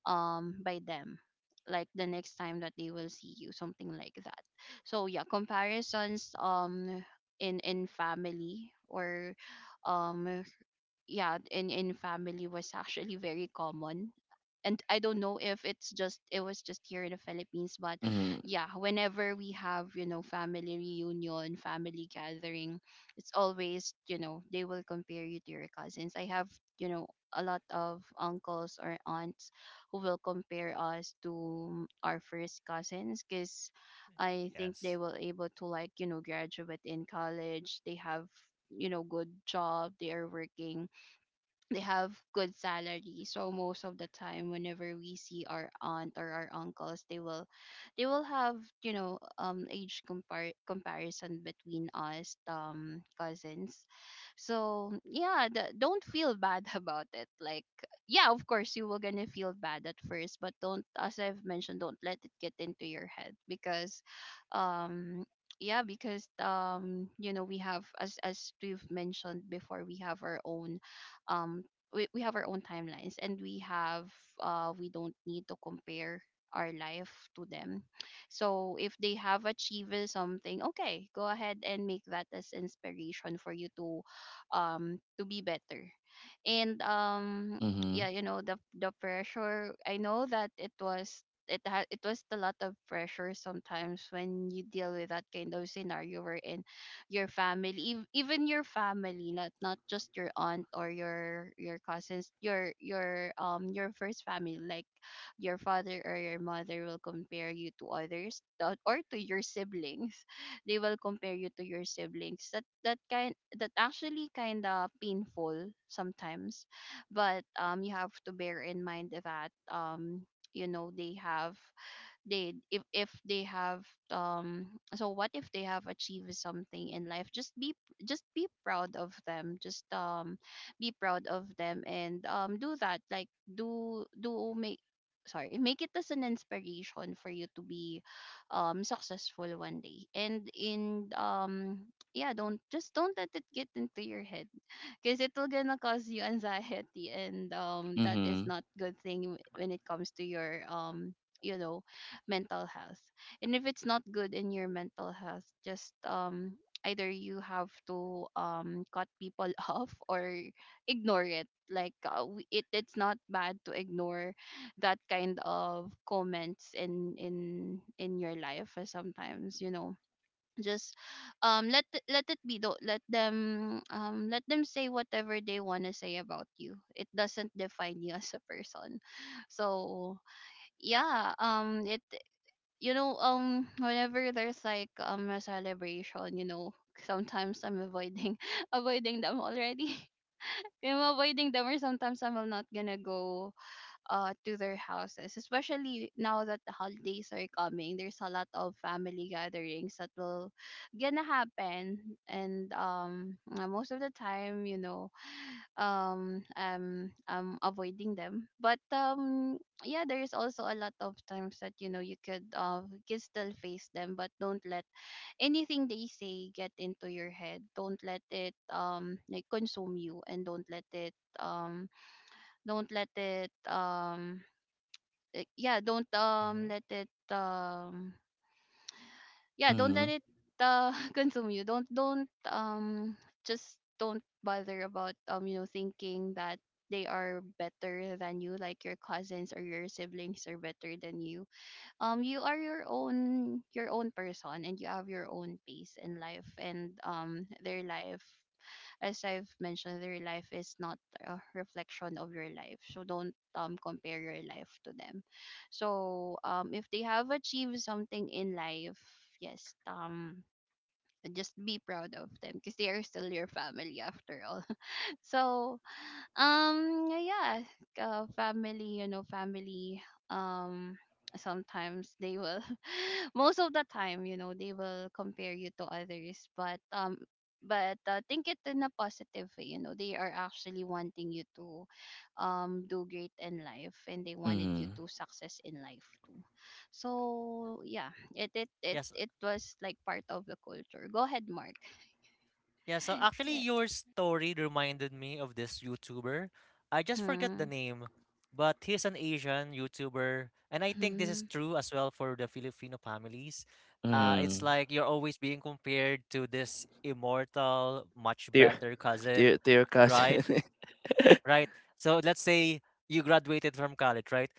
S2: um by them, like the next time that they will see you, something like that. So yeah, comparisons um in in family, or um yeah in in family was actually very common. And I don't know if it's just it was just here in the Philippines, but
S1: Mhm.
S2: yeah, whenever we have, you know, family reunion, family gathering, it's always, you know, they will compare you to your cousins. I have, you know, a lot of uncles or aunts who will compare us to our first cousins because I think they
S3: Yes.
S2: were able to, like, you know, graduate in college, they have, you know, good job, they are working, they have good salary. So most of the time whenever we see our aunt or our uncles, they will, they will have, you know, um age compar- comparison between us, um cousins. So yeah, the, don't feel bad about it, like, yeah, of course you were gonna feel bad at first, but don't, as I've mentioned, don't let it get into your head, because um yeah, because, um you know, we have, as as we've mentioned before, we have our own, um we, we have our own timelines, and we have, uh we don't need to compare our life to them. So if they have achieved something, okay, go ahead and make that as inspiration for you to um to be better. And um yeah,
S1: Mhm.
S2: you know, the the pressure, I know that it was, it ha- it was a lot of pressure sometimes when you deal with that kind of scenario, wherein your family, ev- even your family, not not just your aunt or your your cousins, your your um your first family, like your father or your mother, will compare you to others, uh, or to your siblings. They will compare you to your siblings. That, that kind, that actually kind of painful sometimes. But um you have to bear in mind that, um you know, they have, they, if if they have, um so what if they have achieved something in life? Just be, just be proud of them. Just um be proud of them, and um do that, like, do do make, sorry, make it as an inspiration for you to be um successful one day, and in um yeah, don't, just don't let it get into your head, because it will gonna cause you anxiety, and um that is
S1: Mhm.
S2: not good thing, when it comes to your, um you know, mental health. And if it's not good in your mental health, just um either you have to um cut people off, or ignore it, like, uh, w- it, it's not bad to ignore that kind of comments in in in your life, uh, sometimes, you know. Just um let th- let it be, though. Let them, um let them say whatever they want to say about you. It doesn't define you as a person. So yeah, um it, you know, um whenever there's, like, um a celebration, you know, sometimes I'm avoiding avoiding them already. I'm avoiding them, or sometimes I'm not gonna go uh to their houses, especially now that the holidays are coming, there's a lot of family gatherings that will gonna happen. And um uh, most of the time, you know, um um I'm avoiding them. But um yeah, there is also a lot of times that, you know, you could, uh can still face them, but don't let anything they say get into your head. Don't let it, um like, consume you, and don't let it, um don't let it, um uh, yeah, don't um
S3: Mm-hmm.
S2: let it, um yeah, don't let
S1: Mhm.
S2: it uh consume you. Don't don't um just don't bother about, um you know, thinking that they are better than you, like your cousins or your siblings are better than you. Um you are your own, your own person, and you have your own pace in life. And um their life, as I've mentioned, their life is not a reflection of your life. So don't um compare your life to them. So um if they have achieved something in life, yes, um just be proud of them, because they are still your family after all. So um, yeah, yeah, uh, family, you know, family. Um, sometimes they will, most of the time, you know, they will compare you to others. But um, but uh, think it in a positive way. You know, they are actually wanting you to, um, do great in life, and they wanted you
S1: Mhm.
S2: to success in life too. So yeah, it it it
S3: Yes, uh,
S2: it was like part of the culture. Go ahead, Mark.
S3: yeah. So actually,
S2: Yes.
S3: your story reminded me of this YouTuber. I just forget the
S2: Mhm.
S3: name, but he's an Asian YouTuber, and I think this is
S2: Mhm.
S3: true as well for the Filipino families. Uh,
S2: Yes.
S3: it's
S1: Mhm.
S3: like you're always being compared to this immortal, much
S1: Dear,
S3: better cousin,
S1: dear, dear
S3: right?
S1: cousin.
S3: Right. So let's say you graduated from college, right?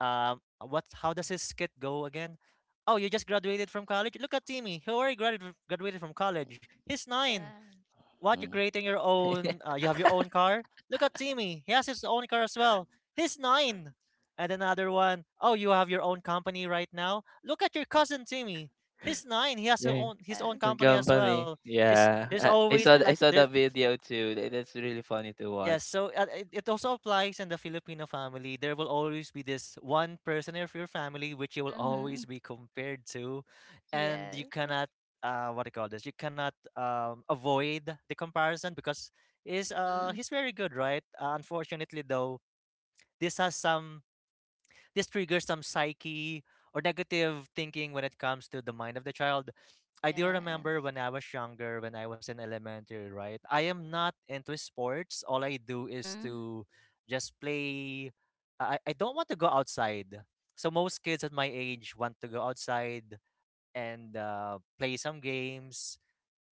S3: Um, what? How does this skit go again? Oh, you just graduated from college. Look at Timmy. He already graduated graduated from college. He's nine.
S2: Yes.
S3: What? You're
S1: Mm.
S3: creating your own. Uh, you have your own car. Look at Timmy. He has his own car as well. He's nine. And another one. Oh, you have your own company right now. Look at your cousin Timmy. He's nine. He has his
S1: Yeah.
S3: own his own
S2: Yes.
S1: The
S3: company as
S1: company.
S3: well. He's
S1: Yeah.
S3: he's
S1: I, I
S3: always
S1: saw
S3: like
S1: th- I saw
S3: there.
S1: the video too. Tha- That's really funny to
S3: Yes,
S1: watch.
S3: so uh, it, it also applies in the Filipino family. There will always be this one person of your family which you will
S2: Mm-hmm.
S3: always be compared to, and you
S2: Yes.
S3: cannot uh what do you call this? You cannot um avoid the comparison because is uh
S2: Mm-hmm.
S3: he's very good, right? Uh, unfortunately though, this has some this triggers some psyche or negative thinking when it comes to the mind of the child. I do
S2: Yes.
S3: remember when I was younger, when I was in elementary, right? I am not into sports. All I do is
S2: Mm-hmm.
S3: to just play. I, I don't want to go outside. So most kids at my age want to go outside and uh, play some games.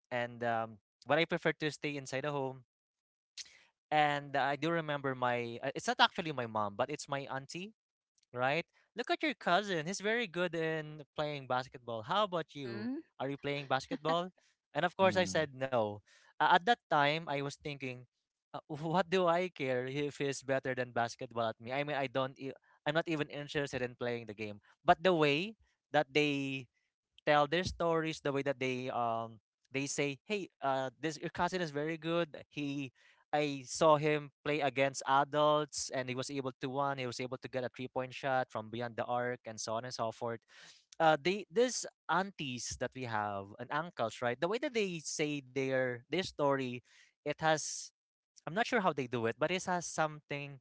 S3: And um, but I prefer to stay inside the home. And I do remember my, uh, it's not actually my mom, but it's my auntie, right? Look at your cousin. He's very good in playing basketball. How about you?
S2: Mm-hmm.
S3: Are you playing basketball? And of course, I
S1: Mm.
S3: said no. Uh, at that time, I was thinking, uh, what do I care if he's better than basketball at me? I mean, I don't. e- I'm not even interested in playing the game. But the way that they tell their stories, the way that they um they say, "Hey, uh, this your cousin is very good. He, I saw him play against adults, and he was able to one. He was able to get a three point shot from beyond the arc, and so on and so forth." Uh, they These aunties that we have and uncles, right? The way that they say their their story, it has. I'm not sure how they do it, but it has something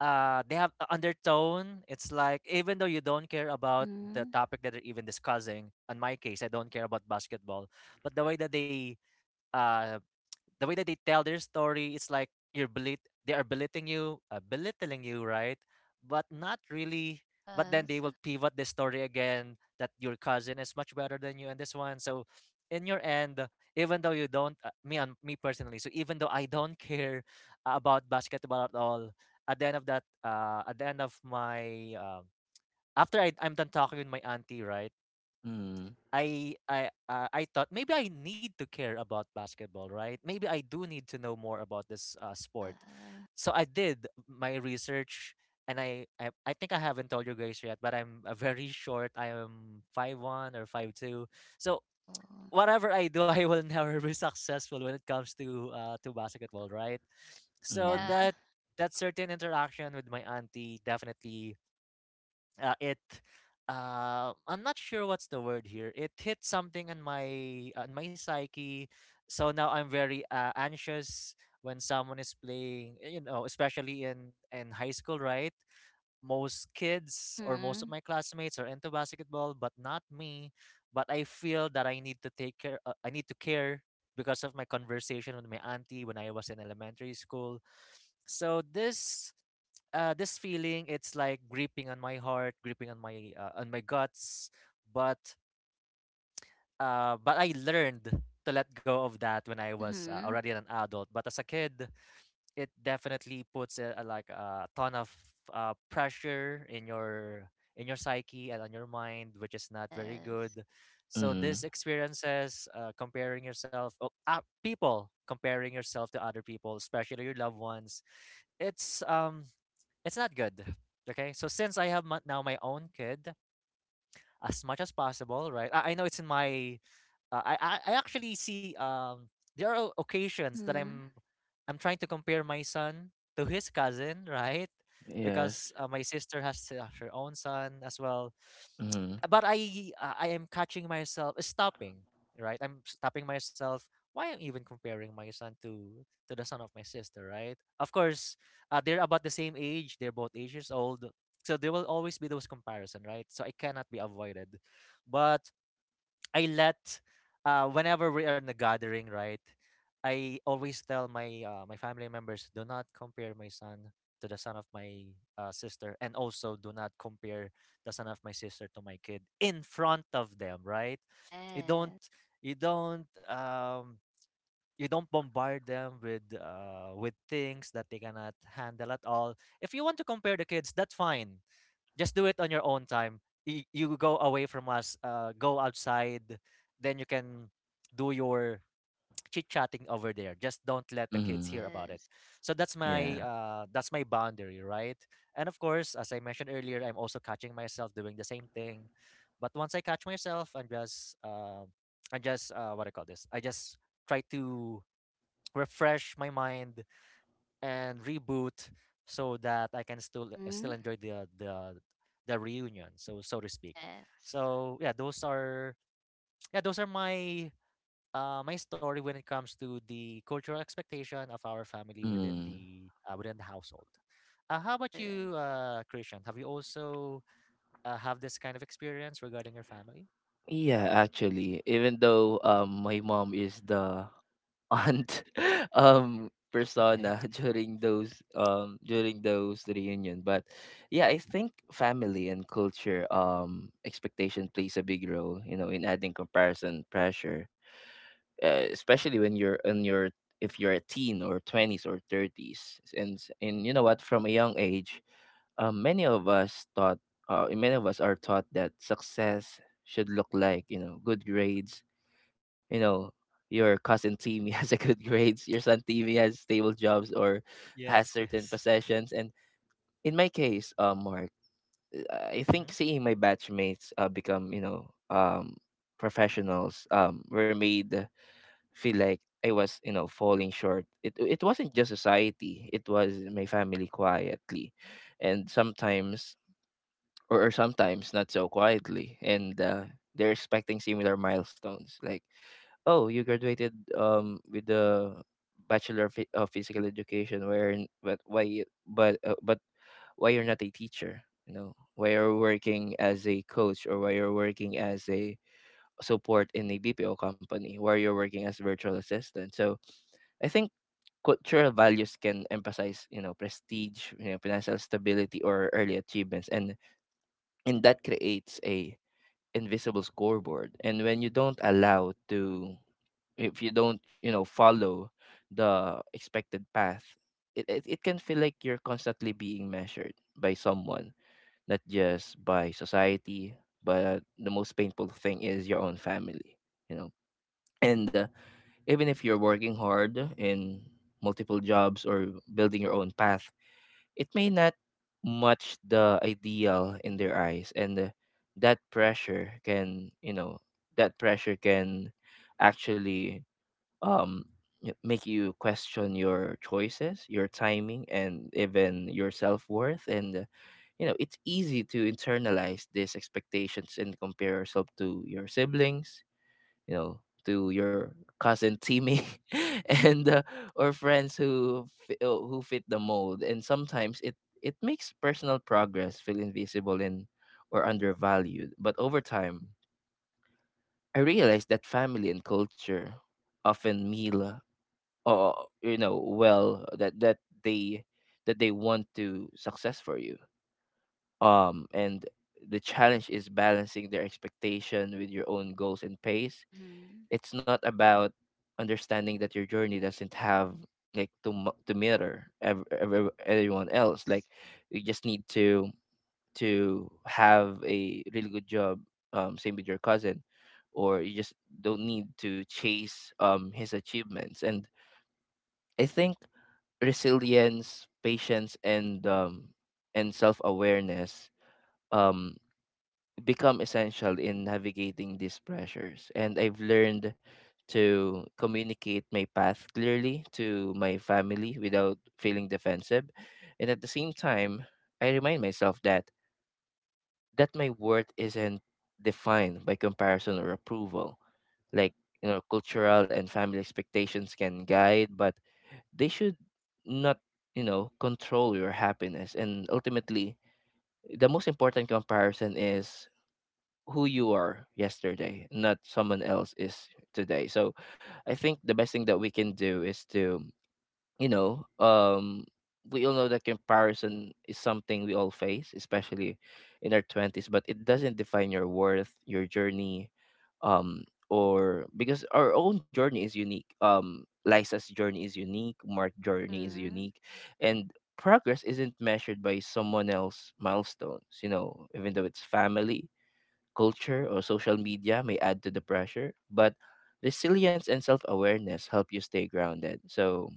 S3: uh they have a undertone. It's like even though you don't care about the
S2: Mm-hmm.
S3: topic that they're even discussing, in my case I don't care about basketball, but the way that they uh the way that they tell their story, it's like you're belit they are belittling you, uh, belittling you, right? But not really, but then they
S2: Yes.
S3: will pivot the story again that your cousin is much better than you and this one. So in your end, uh, even though you don't uh, me and me personally, so even though I don't care uh, about basketball at all, at the end of that uh, at the end of my um, after I, i'm done talking with my auntie, right?
S1: Mhm.
S3: I I uh, I thought maybe I need to care about basketball, right? Maybe I do need to know more about this uh,
S2: Yeah.
S3: sport. So I did my research, and I, I I think I haven't told you guys yet, but I'm uh, very short. I am five one or five two. So
S2: Oh.
S3: whatever I do, I will never be successful when it comes to uh, to basketball, right? So
S2: Yeah.
S1: Mhm.
S3: that that certain interaction with my auntie definitely, uh, it uh, I'm not sure what's the word here. It hit something on my on my psyche, so now I'm very uh, anxious when someone is playing. You know, especially in in high school, right? Most kids or most of
S2: Mm-hmm.
S3: my classmates are into basketball, but not me. But I feel that I need to take care. Uh, I need to care because of my conversation with my auntie when I was in elementary school. So this uh, this feeling, it's like gripping on my heart, gripping on my uh, on my guts, but uh, but I learned to let go of that when I was uh,
S2: Mm-hmm.
S3: already an adult, but as a kid it definitely puts a, a, like a ton of uh, pressure in your in your psyche and on your mind, which is not very
S2: Yes.
S3: good. So these
S1: Mhm.
S3: experiences, uh, comparing yourself oh, uh, people comparing yourself to other people, especially your loved ones, it's um it's not good. Okay, so since I have my, now my own kid, as much as possible, right? I, I know it's in my uh, I, I I actually see, um there are occasions that
S2: Mm-hmm.
S3: I'm I'm trying to compare my son to his cousin, right?
S1: Yes.
S3: Because uh, my sister has uh, her own son as well.
S1: Mhm.
S3: But I uh, I am catching myself uh, stopping, right? I'm stopping myself. Why I'm even comparing my son to to the son of my sister, right? Of course, uh, they're about the same age. They're both ages old, so there will always be those comparison, right? So it cannot be avoided. But I let, uh, whenever we are in a gathering, right? I always tell my uh, my family members, do not compare my son to the son of my uh, sister, and also do not compare the son of my sister to my kid in front of them, right? You don't
S2: Yes.
S3: you don't um you don't bombard them with uh with things that they cannot handle at all. If you want to compare the kids, that's fine, just do it on your own time. You, you go away from us, uh, go outside, then you can do your chit chatting over there. Just don't let the kids hear
S1: Mhm.
S3: about it.
S2: Yes.
S3: So that's my
S1: Yeah.
S3: uh, that's my boundary, right? And of course, as I mentioned earlier, I'm also catching myself doing the same thing. But once I catch myself, I'm just uh, I just uh, what I call this. I just try to refresh my mind and reboot so that I can still uh, still
S2: Mm-hmm.
S3: enjoy the the the reunion, so so to speak.
S2: Yes.
S3: So yeah, those are yeah those are my uh my story when it comes to the cultural expectation of our family within
S1: Mm.
S3: the uh, within the household. Uh, how about
S2: Correct.
S3: you, uh, Christian? Have you also uh, have this kind of experience regarding your family?
S1: Yeah, actually, even though um my mom is the aunt um
S2: Yeah.
S1: persona
S3: Okay.
S1: during those um during those reunion, but yeah, I think family and culture um expectation plays a big role, you know, in adding comparison pressure, uh, especially when you're in your, if you're a teen or twenties or thirties, and s- and you know what, from a young age, um, many of us thought, uh, many of us are taught that success should look like, you know, good grades, you know, your cousin Timmy has a good grades, your son Timmy has stable jobs or has
S3: Yes.
S1: certain
S3: Yes.
S1: possessions. And in my case, uh, Mark, uh, I think
S3: Mm-hmm.
S1: seeing my batchmates uh, become, you know, um, professionals, um, were made feel like I was, you know, falling short. It it wasn't just society; it was my family quietly, and sometimes, or, or sometimes not so quietly, and uh, they're expecting similar milestones like, oh, you graduated um with the Bachelor of, Phy- of Physical Education, where in- but why you- but uh, but why you're not a teacher? You know, why you're working as a coach, or why you're working as a support in a B P O company, where you're working as virtual assistant. So I think cultural values can emphasize, you know, prestige, you know, financial stability, or early achievements, and and that creates a invisible scoreboard. And when you don't allow to, if you don't, you know, follow the expected path, it, it, it can feel like you're constantly being measured by someone, not just by society, but the most painful thing is your own family, you know. And uh, even if you're working hard in multiple jobs or building your own path, it may not match the ideal in their eyes. And uh, that pressure can, you know, that pressure can actually, um y- make you question your choices, your timing, and even your self-worth. And uh, you know, it's easy to internalize these expectations and compare yourself to your siblings, you know, to your cousin Timmy, and uh, or friends who fi- uh, who fit the mold, and sometimes it, it makes personal progress feel invisible and or undervalued. But over time, I realized that family and culture often meal, uh, uh, you know, well, that that they, that they want to success for you, um and the challenge is balancing their expectation with your own goals and pace.
S2: Mm-hmm.
S1: It's not about understanding that your journey doesn't have like to, mu- to mirror ev- ev- everyone else. Like
S2: Yes.
S1: you just need to to have a really good job, um same with your cousin, or you just don't need to chase um his achievements. And I think resilience, patience, and um, and self awareness um, become essential in navigating these pressures. And I've learned to communicate my path clearly to my family without feeling defensive. And at the same time, I remind myself that that my worth isn't defined by comparison or approval. Like, you know, cultural and family expectations can guide, but they should not, you know, control your happiness. And ultimately, the most important comparison is who you are yesterday, not someone else is today. So I think the best thing that we can do is to, you know, um, we all know that comparison is something we all face, especially in our twenties, but it doesn't define your worth, your journey, um, or, because our own journey is unique. Um, Liza's journey is unique, Mark's journey is
S2: Mm-hmm.
S1: unique, and progress isn't measured by someone else's milestones, you know, even though it's family, culture, or social media may add to the pressure, but resilience and self awareness help you stay grounded. So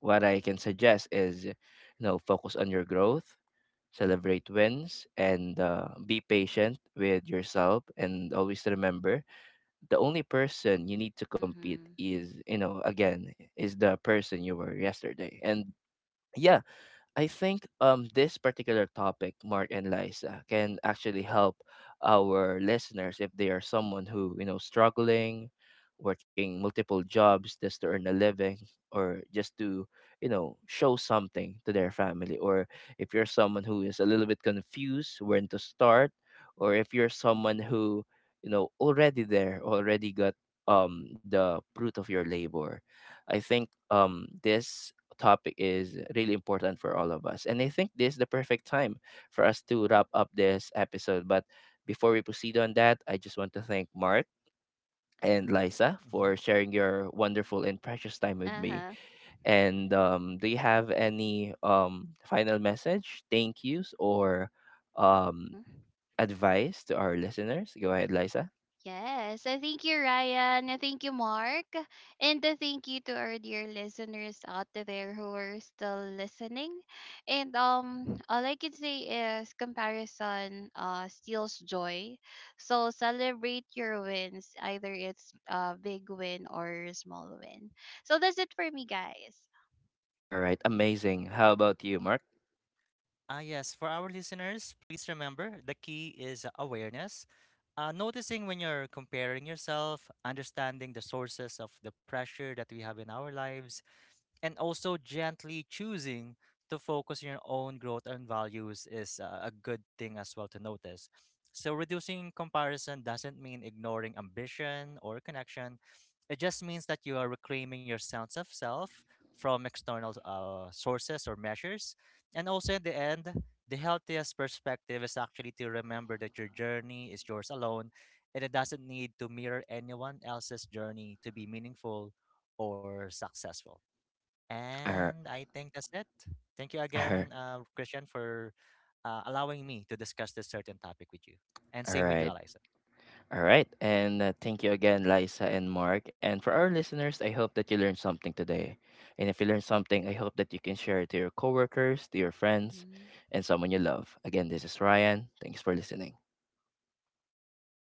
S1: what I can suggest is, you know, focus on your growth, celebrate wins, and uh, be patient with yourself. And always remember, the only person you need to compete
S2: Mm-hmm.
S1: is, you know, again, is the person you were yesterday. And yeah, I think um this particular topic, Mark and Liza, can actually help our listeners if they are someone who, you know, struggling, working multiple jobs just to earn a living, or just to, you know, show something to their family. Or if you're someone who is a little bit confused when to start, or if you're someone who, you know, already there, already got um the fruit of your labor. I think um this topic is really important for all of us. And I think this is the perfect time for us to wrap up this episode. But before we proceed on that, I just want to thank Mark and Liza for sharing your wonderful and precious time with me.
S2: Uh-huh.
S1: And um, do you have any um, final message, thank yous, or um,
S2: Mm-hmm.
S1: advice to our listeners? Go ahead, Liza.
S2: Yes, I thank you, Ryan. I thank you, Mark. And I thank you to our dear listeners out there who are still listening. And um, all I can say is comparison uh, steals joy. So celebrate your wins, either it's a big win or a small win. So that's it for me, guys.
S1: All right, amazing. How about you, Mark?
S3: Ah, yes. For our listeners, please remember the key is awareness. Uh, noticing when you're comparing yourself, understanding the sources of the pressure that we have in our lives, and also gently choosing to focus on your own growth and values is, uh, a good thing as well to notice. So, reducing comparison doesn't mean ignoring ambition or connection. It just means that you are reclaiming your sense of self from external, uh, sources or measures. And also, in the end, the healthiest perspective is actually to remember that your journey is yours alone and it doesn't need to mirror anyone else's journey to be meaningful or successful.
S1: All
S3: And I think that's it. Thank you
S1: right.
S3: again, uh, Christian, for uh, allowing me to discuss this certain topic with you. And
S1: All
S3: same with you,
S1: right.
S3: Eliza.
S1: And uh, thank you again, Liza and Mark. And for our listeners, I hope that you learned something today. And if you learned something, I hope that you can share it to your coworkers, to your friends,
S2: Mhm.
S1: and someone you love. Again, this is Ryan. Thanks for listening.
S3: Thank you.